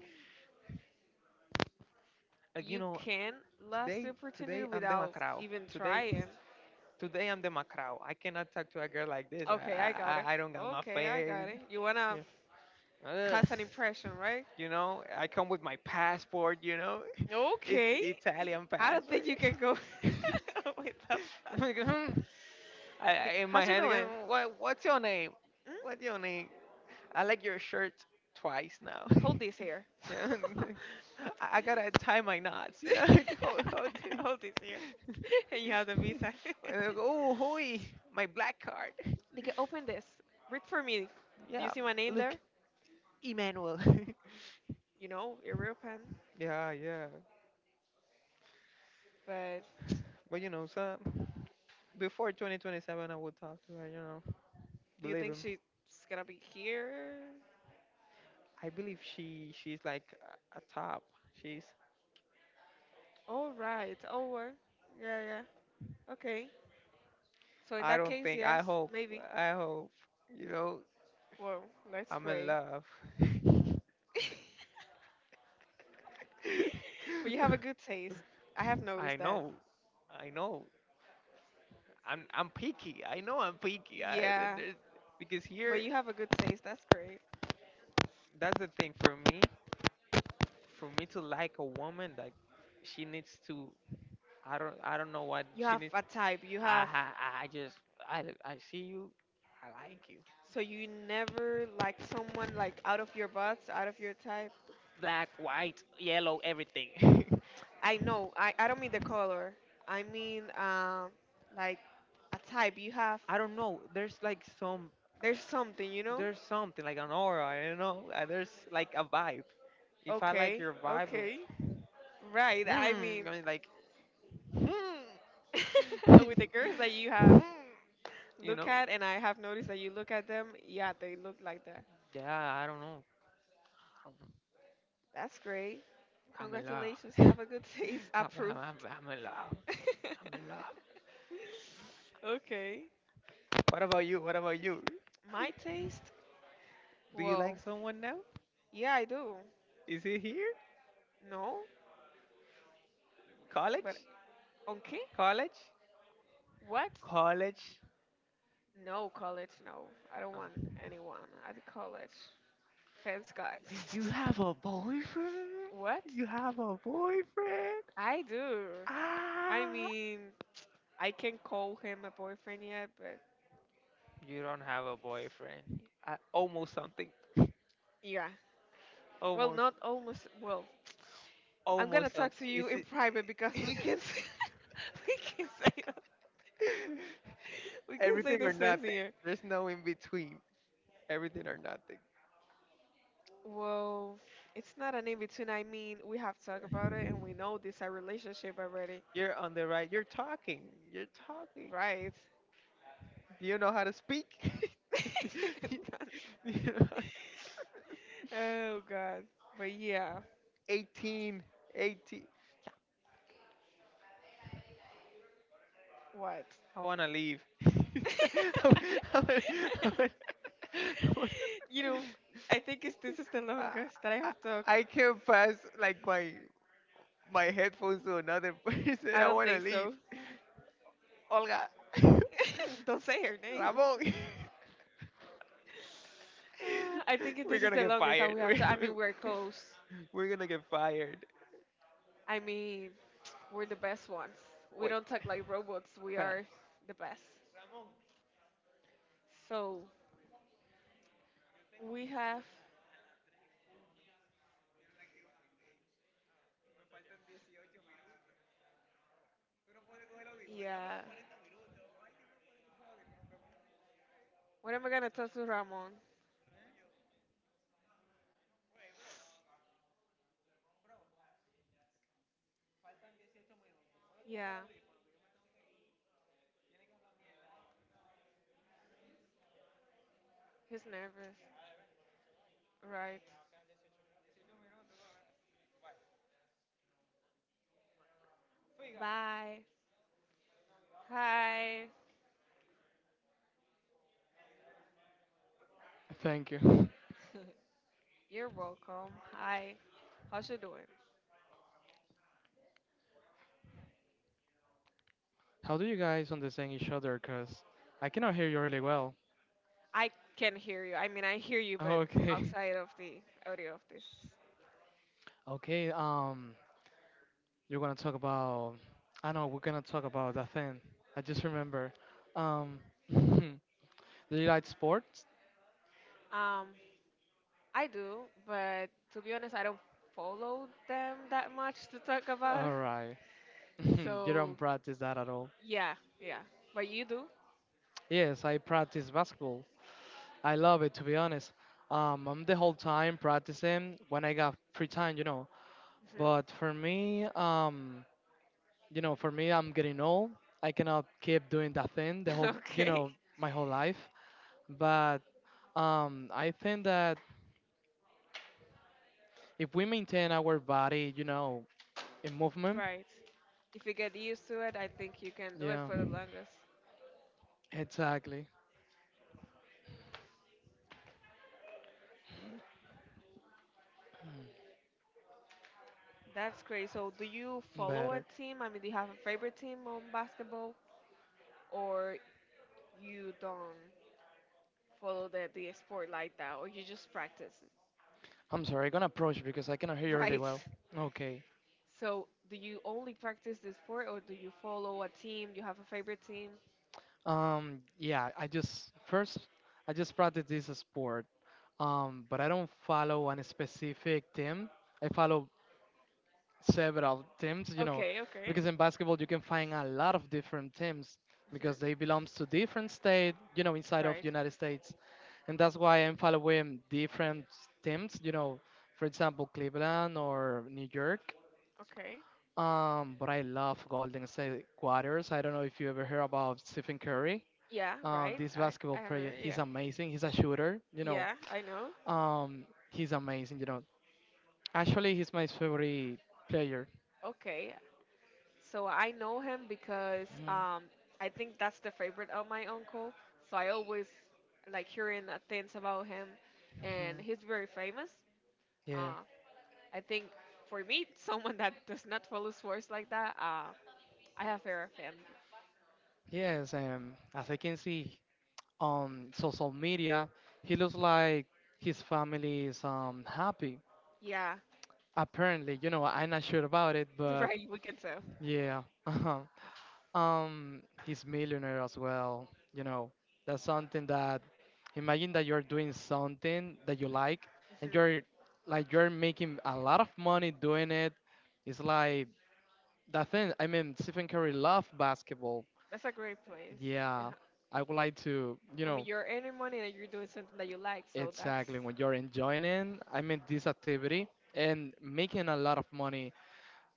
A: Uh, you
B: You
A: know,
B: can last
A: today,
B: the opportunity
A: today I'm the
B: without
A: macrao.
B: even
A: Today,
B: trying.
A: today I'm the macrao. I cannot talk to a girl like this.
B: Okay, I got
A: I,
B: it.
A: I, I don't got my
B: Okay, I
A: face.
B: got it. You wanna
A: Ugh.
B: cast an impression, right?
A: I come with my passport.
B: Okay.
A: Italian
B: I don't
A: passport.
B: think you can go with that.
A: Like, hmm.
B: The-
A: In my
B: How's you
A: hand again.
B: doing?
A: What's your name? What's
B: Hmm?
A: your name? I like your shirt twice now.
B: Hold this here.
A: Yeah, I gotta tie my knots. Hold it.
B: Hold this here. And you have the visa.
A: And I go, oh, hoi, my black card.
B: They can open this. Read for me. Do you
A: Yeah,
B: see my name
A: look,
B: there?
A: Emmanuel.
B: You know, European.
A: yeah, yeah.
B: But
A: But so before 2027, I would talk to her.
B: do you
A: Believe
B: think
A: him.
B: she's gonna be here?
A: I believe she's like a top. She's.
B: All right, over. Yeah, yeah. Okay. So in
A: I
B: that
A: don't
B: case,
A: think.
B: yes,
A: I hope.
B: maybe.
A: I hope. You know,
B: Well, let's
A: I'm in
B: pray.
A: love.
B: But you have a good taste. I have
A: I
B: noticed that.
A: know. I know. I'm picky. I know I'm picky.
B: Yeah,
A: Because
B: but
A: here,
B: you have a good taste. That's great.
A: that's the thing for me. For me to like a woman, like she needs to. I don't know what
B: You
A: she
B: have
A: needs.
B: a type. You
A: I
B: have.
A: ha- I just I see you. I like you.
B: So you never liked someone like out of your butts, out of your type.
A: Black, white, yellow, everything.
B: I know. I don't mean the color. I mean like a type. You have.
A: I don't know. There's like some
B: There's something, you know.
A: there's something like an aura. I don't know. There's like a vibe. If I like
B: Okay,
A: your vibe, of,
B: okay. Right. I mean,
A: I mean like, mm,
B: with the girls that you have
A: you
B: look
A: know.
B: at, and I have noticed that you look at them, yeah, they look like that.
A: Yeah, I don't know. I'm
B: That's great.
A: I'm in love.
B: Congratulations. You
A: I'm,
B: have a good taste. Approved.
A: I'm in love. I'm in love.
B: Okay.
A: What about you? What about you?
B: My taste?
A: Do you
B: Well,
A: like someone now?
B: yeah, I do.
A: Is he here?
B: No, but
A: College?
B: okay.
A: College?
B: What?
A: College?
B: No, college, no. I don't want
A: Oh.
B: anyone at college. Thanks God.
A: You have a boyfriend?
B: What?
A: You have a boyfriend?
B: I do. I
A: Ah!
B: mean, I can't call him a boyfriend yet, but
A: You don't have a boyfriend. Almost something.
B: yeah. Well,
A: Almost.
B: not almost. Well, I'm gonna
A: Almost something.
B: talk to
A: Is
B: you in
A: it?
B: private because we can say, we can say we can say
A: Everything
B: the
A: or
B: same
A: nothing.
B: here.
A: There's no in between. Everything or nothing.
B: Well, it's not an in between. I mean, we have talked about it and we know this a relationship already,
A: You're on the right. You're talking. You're talking.
B: right?
A: Do you know how to speak? Do you know how—
B: Oh God. But yeah,
A: 18, 18.
B: what?
A: I want to leave. I wanna- I wanna- I wanna- I, wanna-
B: You know, I think this is the
A: I
B: longest that I have talked.
A: I can't pass like my headphones to another person.
B: I
A: I
B: don't
A: want to
B: think
A: leave.
B: so.
A: Olga.
B: Don't say her name.
A: Ramon.
B: Ah, I think
A: We're
B: this is
A: gonna
B: the
A: get
B: longest that
A: fired.
B: we
A: We're,
B: have to. I mean, we're close.
A: we're gonna get fired.
B: I mean, we're the best ones. We
A: Wait.
B: don't talk like robots. We
A: Espera.
B: are the best. So we have. Yeah. What am I gonna tell to Ramon? Yeah, he's nervous. Right. Bye. Hi.
A: Thank you.
B: You're welcome. Hi. How's you doing?
A: How do you guys understand each other? Cause I cannot hear you really well.
B: I can hear you. I mean, I hear you, but
A: Okay.
B: outside of the audio of this.
A: Okay. You're gonna talk about. I know we're gonna talk about that thing. I just remember. Um, do you like sports?
B: Um, I do, but to be honest, I don't follow them that much to talk about.
A: All right. You don't
B: So,
A: practice that at all.
B: yeah, yeah. But you do?
A: Yes, I practice basketball. I love it, to be honest. I'm the whole time practicing when I got free time. But
B: Hmm.
A: for me, for me, I'm getting old. I cannot keep doing that thing the whole, you
B: Okay.
A: know, my whole life. But I think that if we maintain our body, in movement,
B: Right. If you get used to it, I think you can do it
A: yeah,
B: for the longest.
A: exactly,
B: That's great. So, do you follow a
A: better.
B: team? I mean, do you have a favorite team on basketball or you don't follow the sport like that or you just practice it,
A: I'm sorry, I'm gonna approach because I cannot hear you really
B: right?
A: well. Okay.
B: So do you only practice the sport or do you follow a team? Do you have a favorite team?
A: Yeah, I just practice this sport, but I don't follow any specific team. I follow several teams,
B: Okay, okay.
A: because in basketball you can find a lot of different teams because they
B: Mhm.
A: belongs to different state, inside of
B: Right.
A: United States. And that's why I'm following different teams, for example, Cleveland or New York.
B: Okay.
A: But I love Golden State Warriors. I don't know if you ever heard about Stephen Curry.
B: Yeah,
A: Uh,
B: right.
A: this
B: I,
A: basketball
B: I have
A: player,
B: it,
A: he's
B: yeah.
A: amazing. He's a shooter.
B: Yeah, I know.
A: Um, he's amazing. Actually, he's my favorite player.
B: Okay. So I know him because
A: Mhm.
B: I think that's the favorite of my uncle. So I always like hearing things about him, and
A: Mhm.
B: he's very famous.
A: Yeah,
B: Um, I think for me, someone that does not follow sports like that, I have fear of him.
A: yes, as I can see on social media, he looks like his family is happy.
B: Yeah,
A: Apparently, I'm not sure about it, but
B: right. We can tell.
A: yeah, uh-huh. He's millionaire as well. That's something that imagine that you're doing something that you like, and you're
B: Hmm.
A: like you're making a lot of money doing it. It's like that thing. I mean, Stephen Curry loved basketball.
B: That's a great place. Yeah.
A: Yeah, I would like to,
B: I mean, you're earning money and you're doing something that you like, so that's
A: exactly, when you're enjoying it. I mean, this activity and making a lot of money.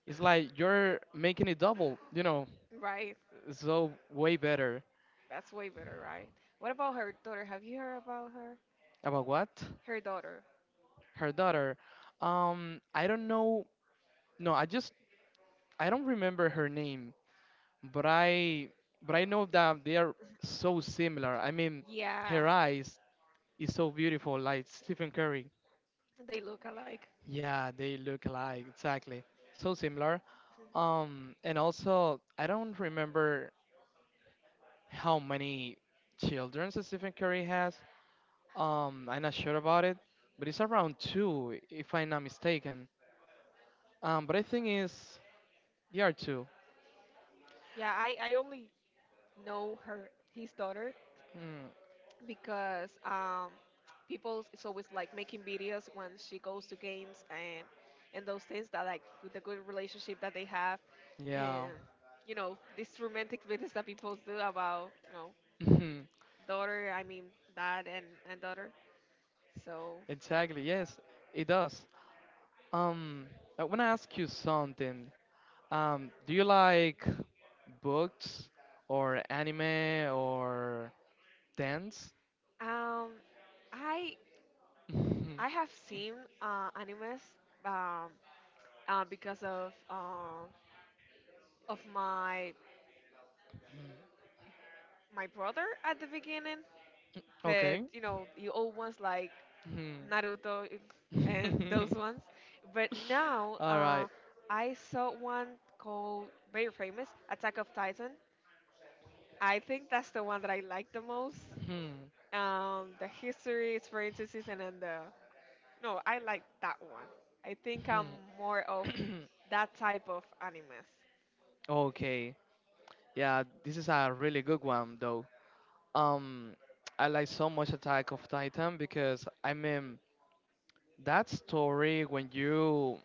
A: It's like you're making it double,
B: right.
A: so way better.
B: That's way better, right? What about her daughter? Have you heard about her?
A: About what?
B: Her daughter.
A: Her daughter. I don't know. No, I don't remember her name, but I know that they are so similar. I mean,
B: Yeah,
A: her eyes is so beautiful, like Stephen Curry.
B: they look alike.
A: Yeah, they look alike, exactly. So similar. And also, I don't remember how many children Stephen Curry has. I'm not sure about it, but it's around two, if I'm not mistaken. But I think it's they are two.
B: Yeah, I only know her his daughter
A: Mm,
B: because people is always like making videos when she goes to games and those things that like with the good relationship that they have
A: yeah,
B: and you know these romantic videos that people do about you know daughter I mean dad and daughter so
A: exactly. Yes, it does. Um, I wanna ask you something. Do you like books or anime or dance?
B: um I I have seen animes um, because of my my brother at the beginning
A: Mm,
B: but
A: okay.
B: you know you always like
A: Mhm.
B: Naruto if- and those ones. But now
A: All right.
B: I saw one called very famous Attack of Titan. I think that's the one that I like the most.
A: Hmm.
B: The history, experiences, and then the no, I like that one. I think I'm more of
A: Hmm.
B: that type of animes.
A: Okay. Yeah, this is a really good one though. Um, I like so much Attack of Titan, because I mean that story when you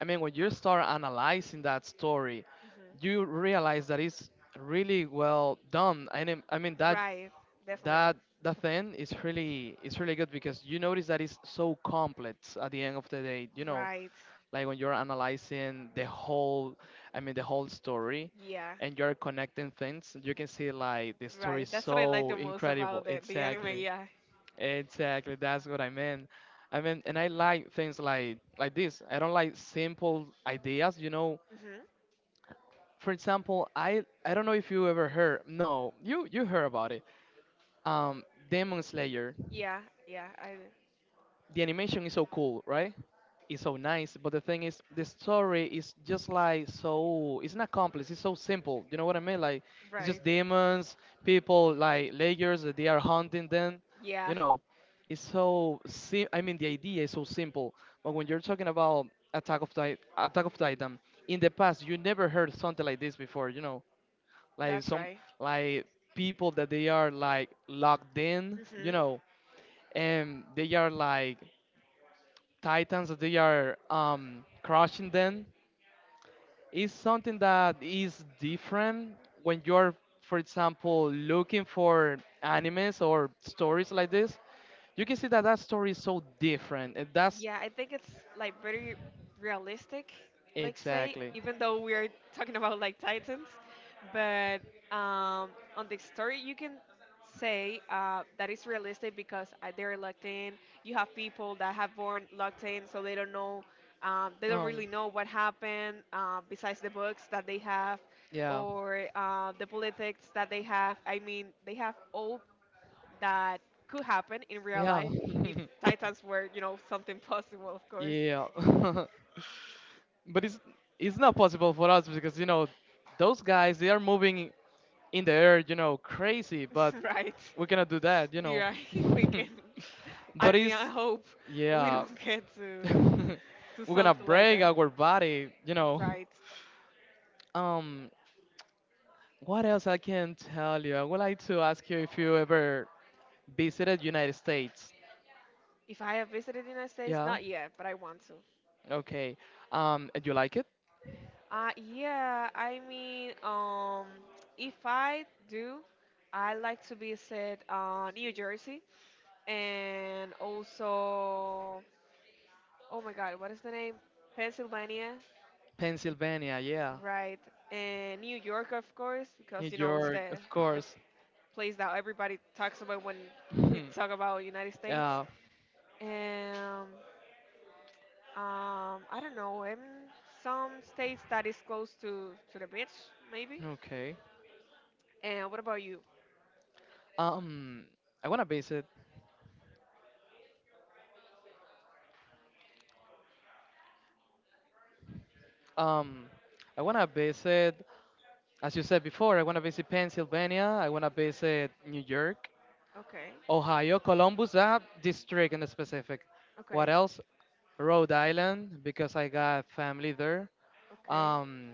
A: I mean, when you start analyzing that story,
B: Mhm.
A: you realize that it's really well done. I mean that
B: Right, definitely.
A: that that thing is really good because you notice that it's so complex at the end of the day.
B: Right.
A: Like when you're analyzing the whole, I mean, the whole story,
B: Yeah.
A: and you're connecting things, you can see like the story
B: Right.
A: is
B: That's what I like
A: so
B: the most about
A: incredible.
B: the anime.
A: Exactly.
B: Yeah.
A: Exactly, that's what I meant. I mean, and I like things like this. I don't like simple ideas.
B: Mhm.
A: For example, I don't know if you ever heard. No, you heard about it. Um, Demon Slayer.
B: Yeah, yeah, I
A: The animation is so cool, right? It's so nice, but the thing is, the story is just like so. It's not complex. It's so simple. You know what I mean? Like, it's
B: right.
A: just demons, people like layers that they are hunting them. You
B: Yeah,
A: know, it's so. I mean, the idea is so simple. But when you're talking about Attack of Titan, in the past you never heard something like this before. Like
B: that's
A: some
B: right.
A: like people that they are like locked in.
B: Mhm.
A: And they are like titans that they are crushing them, is something that is different when you're, for example, looking for animes or stories like this, you can see that that story is so different, and that's
B: Yeah, I think it's like very realistic, like say,
A: exactly.
B: even though we are talking about like Titans, but um, on the story you can say that it's realistic because they're locked in. You have people that have born locked in, so they don't know, they don't
A: um
B: really know what happened besides the books that they have
A: yeah,
B: or the politics that they have. I mean, they have all that could happen in real
A: yeah,
B: life if titans were you know something possible of course.
A: yeah, but it's not possible for us, because those guys they are moving in the air, crazy, but
B: Right.
A: we cannot do that.
B: Yeah. We can. I
A: But
B: mean
A: it's,
B: I hope we
A: yeah,
B: don't get to
A: we're gonna
B: something like
A: break
B: that.
A: our body
B: Right.
A: um what else I can tell you. I would like to ask you if you ever visited United States.
B: If I have visited the United States
A: Yeah,
B: not yet but I want to.
A: okay. And you like it?
B: Yeah I mean if I do I like to visit New Jersey and also oh my god what is the name Pennsylvania.
A: Pennsylvania, yeah.
B: Right. And New York, of course,
A: New
B: because you know it's
A: York, of
B: the
A: course.
B: place that everybody talks about when we
A: Hmm.
B: talk about United States.
A: Yeah.
B: And I don't know, in some states that is close to the beach, maybe.
A: Okay.
B: And what about you?
A: Um, I wanna visit. Um, I wanna visit. As you said before, I wanna visit Pennsylvania. I wanna visit New York,
B: Okay.
A: Ohio, Columbus, that district in the specific.
B: Okay.
A: What else? Rhode Island, because I got family there.
B: Okay.
A: Um,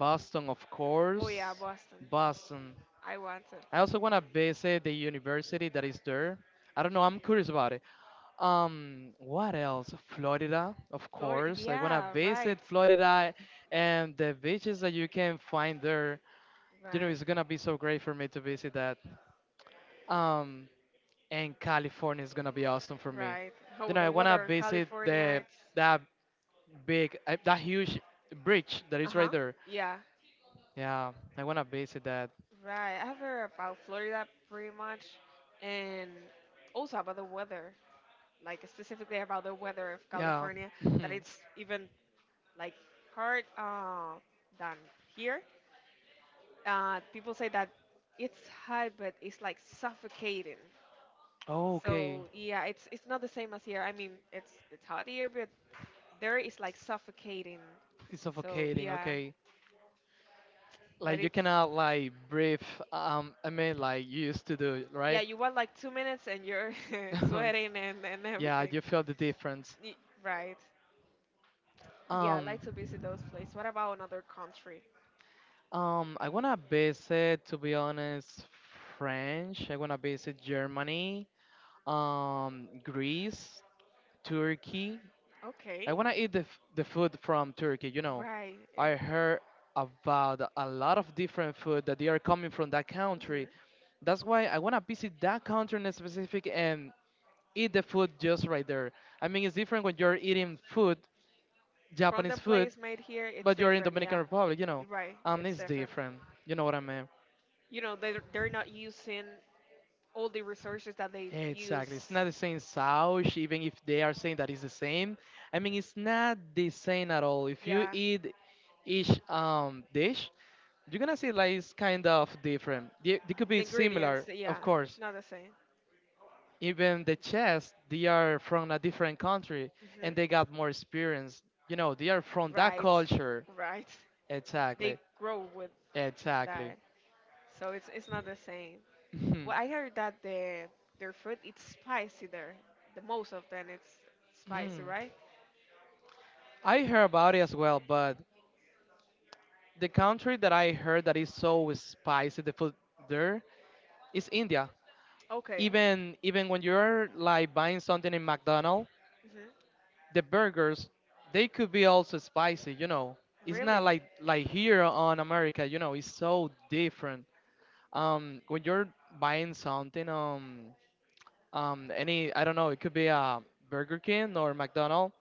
A: Boston, of course.
B: Oh yeah, Boston.
A: Boston.
B: I want to.
A: I also wanna visit the university that is there. I don't know. I'm curious about it. What else? Florida, of
B: Florida.
A: course. I wanna
B: Yeah. Right.
A: visit Florida and the beaches that you can find there. It's
B: Right.
A: gonna be so great for me to visit that. Um, and California is gonna be awesome for me.
B: Right. Oh,
A: I
B: the
A: wanna
B: weather in
A: visit
B: California,
A: the
B: it's
A: that big, that huge bridge that
B: Uh
A: is right
B: huh.
A: there.
B: Yeah.
A: Yeah, I wanna visit that.
B: Right. I've heard about Florida pretty much, and also about the weather, like specifically about the weather of
A: Yeah.
B: California, that it's even like hard than here. People say that it's hot, but it's like suffocating.
A: Oh, okay.
B: So yeah, it's not the same as here. I mean, it's hot here, but there is like suffocating.
A: It's
B: So
A: suffocating.
B: yeah,
A: Okay.
B: but
A: Like, you
B: it's.
A: cannot like breathe. I mean, like you used to do,
B: Yeah,
A: right?
B: you want like 2 minutes and you're sweating and
A: Yeah,
B: everything.
A: you feel the difference.
B: Y- Right. Yeah, I
A: Um,
B: like to visit those places. What about another country?
A: I wanna visit, to be honest, French. I wanna visit Germany, Greece, Turkey.
B: Okay.
A: I wanna eat the food from Turkey.
B: Right.
A: I heard about a lot of different food that they are coming from that country.
B: Mm-hmm.
A: That's why I wanna visit that country in specific and eat the food just right there. I mean, it's different when you're eating food,
B: From
A: Japanese
B: the
A: food,
B: place made here, it's
A: but you're in
B: different.
A: Dominican
B: Yeah.
A: Republic.
B: You're right.
A: Um,
B: It's
A: it's
B: different.
A: different. You know what I mean?
B: You know, they're not using all the resources that they use.
A: Exactly. It's not the same sauce, even if they are saying that it's the same. I mean, it's not the same at all. If you
B: Yeah.
A: eat each dish, you're gonna see like it's kind of different. They could
B: The
A: be
B: ingredients.
A: similar,
B: Yeah.
A: of
B: It's
A: course,
B: not the same.
A: even the chess. They are from a different country, and they
B: Hmm.
A: got more experience. They are from that
B: Right,
A: culture,
B: right. They
A: exactly.
B: grow with
A: Exactly.
B: that, so it's not the same.
A: Mhm.
B: Well, I heard that the their food it's spicy there. The most of them it's spicy,
A: Mm.
B: right?
A: I heard about it as well, but the country that I heard that is so spicy, the food there, is India.
B: Okay.
A: Even when you're like buying something in McDonald's,
B: Hmm.
A: the burgers, they could be also spicy. It's Not
B: Really?
A: like here on America. It's so different. When you're buying something, any, I don't know, it could be a Burger King or McDonald's,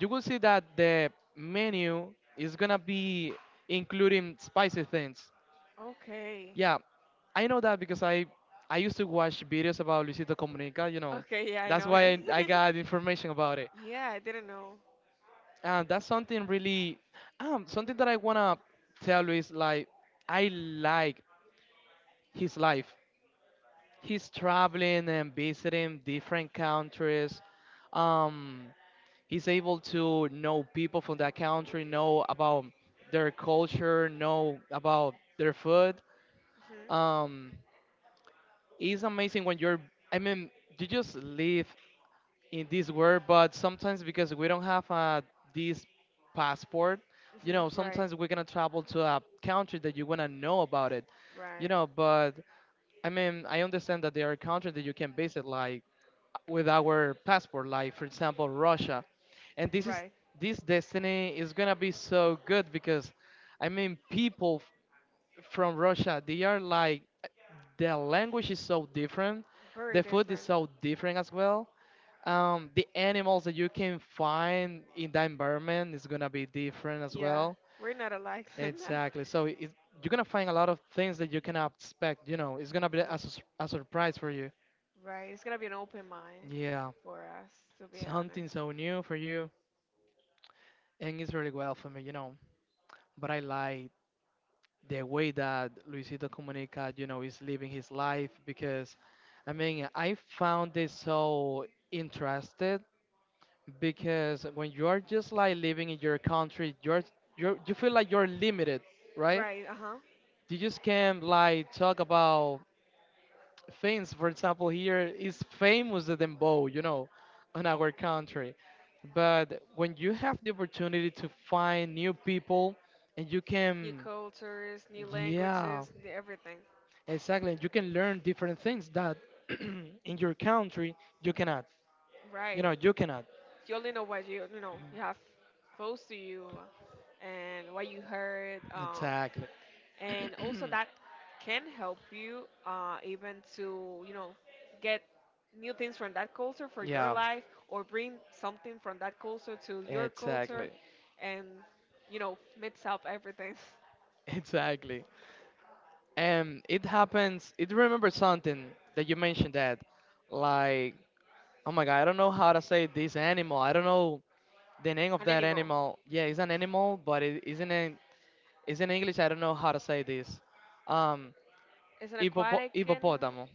A: you will see that the menu is gonna be including spicy things.
B: Okay.
A: Yeah, I know that because I used to watch videos about Luisito Comunica.
B: Okay, yeah, I
A: That's
B: know him.
A: why I got information about it.
B: Yeah, I didn't know.
A: And that's something really, something that I wanna tell you is like I like his life. He's traveling and visiting different countries. Um, he's able to know people from that country, know about their culture, know about their food.
B: Hmm.
A: Um, it's amazing when I mean, you just live in this world, but sometimes because we don't have this passport, you
B: Hmm.
A: know,
B: Right.
A: sometimes we're gonna travel to a country that you wanna know about it, you
B: Right.
A: know, but I mean, I understand that there are countries that you can visit, like with our passport, like for example Russia, and
B: Right.
A: this destiny is gonna be so good because, I mean, people from Russia they are like the language is so different,
B: Very
A: the food is
B: different.
A: so different as well. The animals that you can find in the environment is gonna be different as
B: Yeah,
A: well.
B: we're not alike in that.
A: Exactly. So you're gonna find a lot of things that you cannot expect. You know, it's gonna be
B: Mhm.
A: a surprise for you.
B: Right. It's gonna be an open mind
A: Yeah,
B: for us, to be
A: something
B: honest.
A: so new for you. And it's really well for me, you know. But I like the way that Luisito Comunica, you know, is living his life because, I mean, I found it so interested because when you're just like living in your country, you feel like you're limited, right?
B: Right, uh huh.
A: You just can't like talk about things. For example, here is famous the dembow, you know, in our country. But when you have the opportunity to find new people and you
B: New
A: can,
B: cultures, new
A: yeah,
B: languages, new everything.
A: exactly, you can learn different things that in your country you cannot. You
B: Right.
A: know, you cannot.
B: You only know what you know you have close to you, and what you heard,
A: Exactly.
B: and also that can help you even to you know get new things from that culture for your
A: Yeah.
B: life or bring something from that culture to your culture,
A: Exactly.
B: and you know mix up everything.
A: Exactly. And it happens, it remembers something that you mentioned that, like, oh my god, I don't know how to say this animal. I don't know the name of
B: An
A: that
B: animal.
A: animal. Yeah, it's an animal, but it isn't it's in English. I don't know how to say this. Um,
B: It's an aquatic animal.
A: hippopotamo.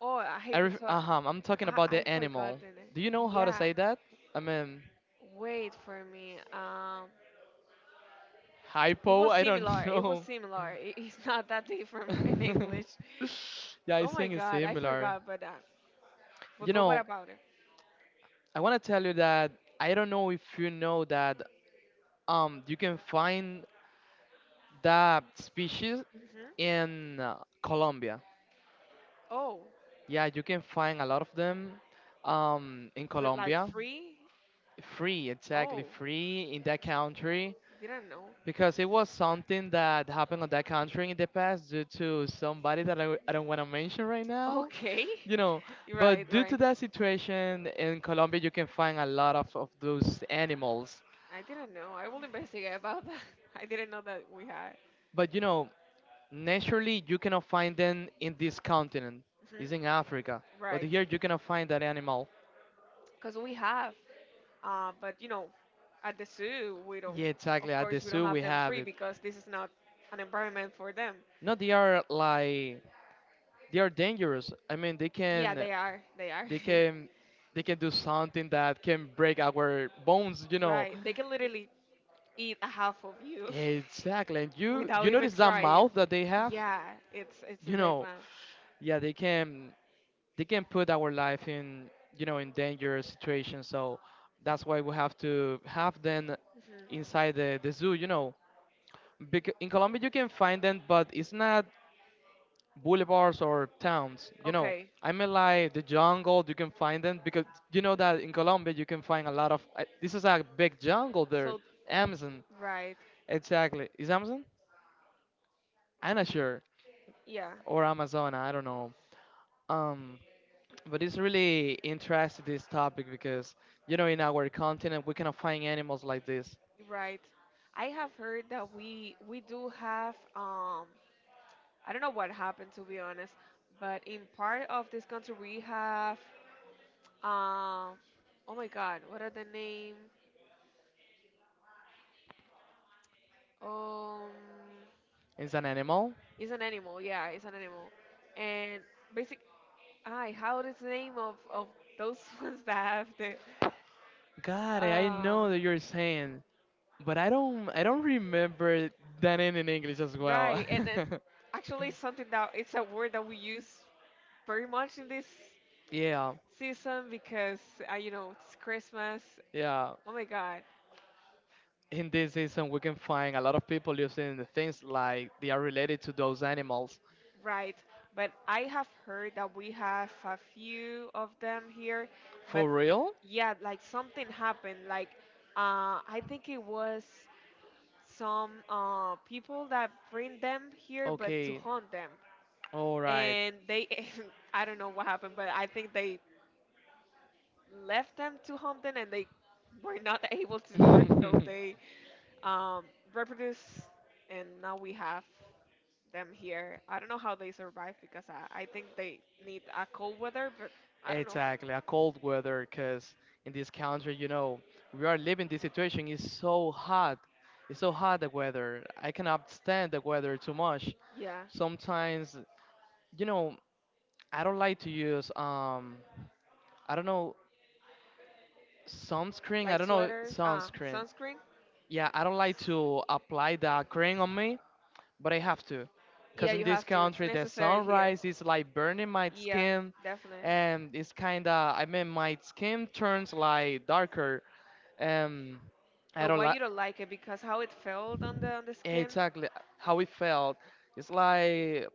B: Oh, I hate to.
A: Uh-huh, I'm talking about
B: I
A: the animal.
B: forgotten it.
A: Do you know how to
B: Yeah,
A: say that? I mean,
B: wait for me. It
A: hypo?
B: was
A: I don't
B: similar. It was
A: know.
B: similar. It, it's not that different in English.
A: Yeah, I
B: Oh my
A: think it's
B: God, I
A: similar.
B: forgot about that.
A: You
B: But what
A: know,
B: about it?
A: I want to tell you that I don't know if you know that you can find that species
B: Hmm.
A: in Colombia.
B: Oh,
A: Yeah, you can find a lot of them in
B: but like
A: Colombia.
B: free?
A: Free, exactly
B: Oh,
A: free in that country
B: didn't know.
A: because it was something that happened on that country in the past due to somebody that I don't want to mention right now,
B: Okay,
A: you know.
B: right,
A: But due
B: right.
A: to that situation in Colombia, you can find a lot of those animals.
B: I didn't know. I will investigate about that. I didn't know that we had.
A: But you know, naturally, you cannot find them in this continent.
B: Hmm.
A: It's in Africa. But
B: Right.
A: here you cannot find that animal.
B: Because we have but you know at the zoo we don't
A: Yeah, exactly.
B: of
A: At the
B: course we don't
A: zoo,
B: have
A: we
B: them
A: have
B: free
A: it.
B: because this is not an environment for them
A: No, they are like they are dangerous. I mean,
B: yeah they are
A: they can, they can do something that can break our bones. You know,
B: right they can literally eat a half of you
A: exactly. And
B: without
A: you
B: even
A: notice that
B: trying
A: mouth that they have.
B: yeah it's a
A: You
B: big
A: know,
B: one.
A: yeah, they can. They can put our life in, you know, in dangerous situations, so that's why we have to have them inside
B: Hmm.
A: the zoo, you know, because in Colombia you can find them but it's not boulevards or towns, you know.
B: Okay.
A: I mean, like the jungle you can find them because you know that in Colombia you can find a lot of this is a big jungle there.
B: So,
A: Amazon.
B: right.
A: Exactly, is Amazon. I'm not sure,
B: Yeah,
A: or Amazon, I don't know. um But it's really interesting this topic because you know in our continent we cannot find animals like this.
B: you're right. I have heard that we do have I don't know what happened to be honest, but in part of this country we have um oh my God, what are the name? Um,
A: It's an animal.
B: it's an animal. Yeah, it's an animal, and basic. Ay, how is the name of those ones that have the
A: God, I
B: uh
A: know that you're saying, but I don't remember that in English as well.
B: right and it actually something that it's a word that we use very much in this
A: Yeah,
B: season because you know it's Christmas.
A: yeah.
B: Oh my God,
A: In this season we can find a lot of people using the things like they are related to those animals.
B: right? But I have heard that we have a few of them here, but
A: For real?
B: yeah, like something happened. Like I think it was some people that bring them here, but to
A: Okay.
B: hunt them.
A: All right.
B: And they I don't know what happened, but I think they left them to Humpton and they were not able to do it, so they um, reproduce, and now we have them here. I don't know how they survive because I think they need a cold weather, but I don't know.
A: Exactly, a cold weather, because in this country, you know, we are living this situation. It's so hot. It's so hot, the weather. I cannot stand the weather too much.
B: Yeah,
A: Sometimes, you know, I don't like to use, I don't know, sunscreen. I
B: like
A: don't know,
B: sweater,
A: sunscreen.
B: sunscreen.
A: Yeah, I don't like to apply the cream on me, but I have to,
B: Yeah,
A: because in
B: you
A: this
B: have to. It's
A: country the
B: necessary here.
A: sunrise is like burning my
B: Yeah,
A: skin,
B: definitely.
A: and it's I mean my skin turns like darker, and I
B: But
A: don't
B: why
A: like.
B: you don't like it? Because how it felt on the skin.
A: Exactly how it felt. It's like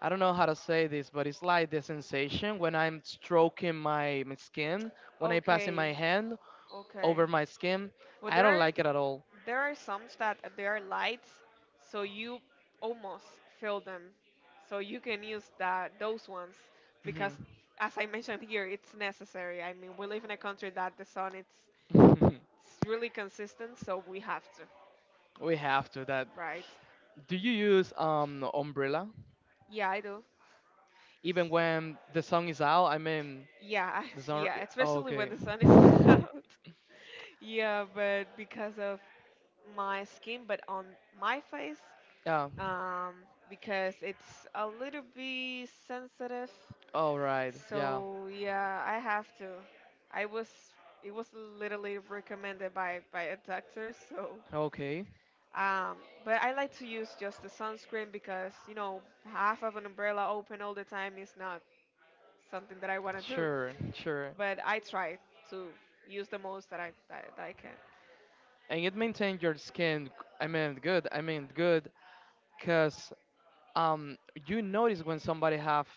A: I don't know how to say this, but it's like the sensation when I'm stroking my skin, when I passing
B: Okay.
A: my hand
B: Okay.
A: over my skin.
B: Well,
A: I don't like it at all.
B: there are some that they are lights, so you almost feel them. So you can use that those ones because, as I mentioned here, it's necessary. I mean, we live in a country that the sun
A: Mhm.
B: it's really consistent, so we have to,
A: We have to that.
B: right?
A: Do you use umbrella
B: Yeah, I do.
A: even when the sun is out? I mean,
B: Yeah,
A: the sun.
B: yeah,
A: Oh,
B: especially when
A: okay.
B: the sun is out. Yeah, but because of my skin, but on my face,
A: Yeah.
B: um, because it's a little bit sensitive.
A: All right. Yeah.
B: So yeah, I have to. I was it was literally recommended by a doctor. So
A: Okay.
B: um, but I like to use just the sunscreen because you know half of an umbrella open all the time is not something that I want to do.
A: Sure. Sure.
B: But I try to use the most that I that, that I can.
A: And it maintains your skin. I mean, good. I mean, good. Cause um you notice when somebody have,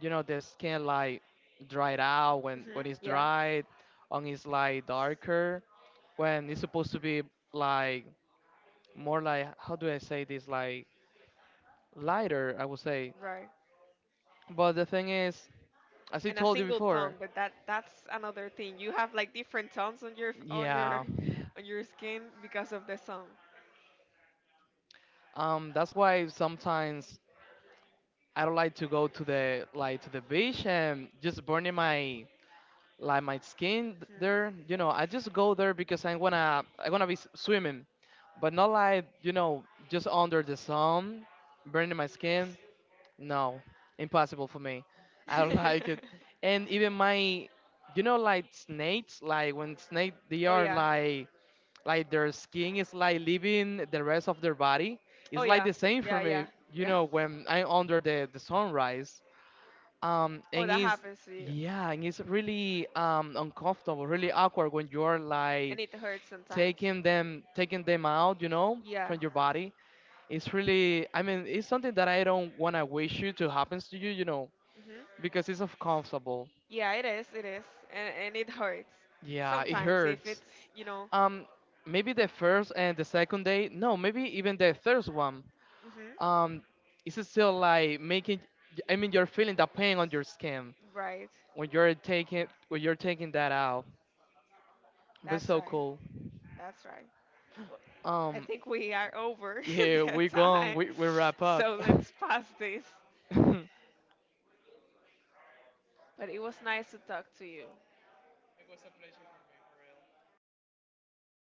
A: you know, the skin like dried out, when
B: Hmm.
A: it's
B: Yeah,
A: dried on, it's like darker when it's supposed to be like more like, how do I say this, like lighter, I would say.
B: right.
A: But the thing is, as I
B: And a
A: told you
B: single tone
A: before,
B: but that that's another thing you have like different tones on your
A: yeah.
B: on your skin because of the sun.
A: That's why sometimes I don't like to go to the like to the beach and just burning my like my skin there, you know. I just go there because I'm gonna be swimming, but not like, you know, just under the sun burning my skin. No, impossible for me. I don't
B: Mhm.
A: like it. And even my, you know, like snakes, like when snake they
B: Oh
A: are
B: yeah.
A: like their skin is like leaving the rest of their body,
B: Oh
A: it's like
B: yeah.
A: the same for
B: Yeah,
A: me,
B: yeah.
A: you
B: Yeah.
A: know, when I'm under the sunrise.
B: Oh
A: And
B: that
A: it's,
B: happens to you
A: yeah, and it's really uncomfortable, really awkward when you're like
B: and it hurts sometimes.
A: taking them out, you know,
B: Yeah.
A: from your body. It's really, I mean, it's something that I don't wanna wish you to happens to you, you know,
B: Hmm.
A: because it's uncomfortable.
B: Yeah it is and it hurts
A: Yeah, it
B: sometimes if
A: hurts.
B: it's you know.
A: Um, maybe the first and the second day, no, maybe even the third one.
B: Hmm.
A: Um, it's still like making, I mean, you're feeling the pain on your skin
B: Right.
A: when you're taking that out. But
B: That's
A: so
B: right.
A: cool.
B: That's right. Well, I
A: Um,
B: think we are over
A: yeah,
B: the
A: we're going.
B: time.
A: We wrap up.
B: So let's pass this. But it was nice to talk to you.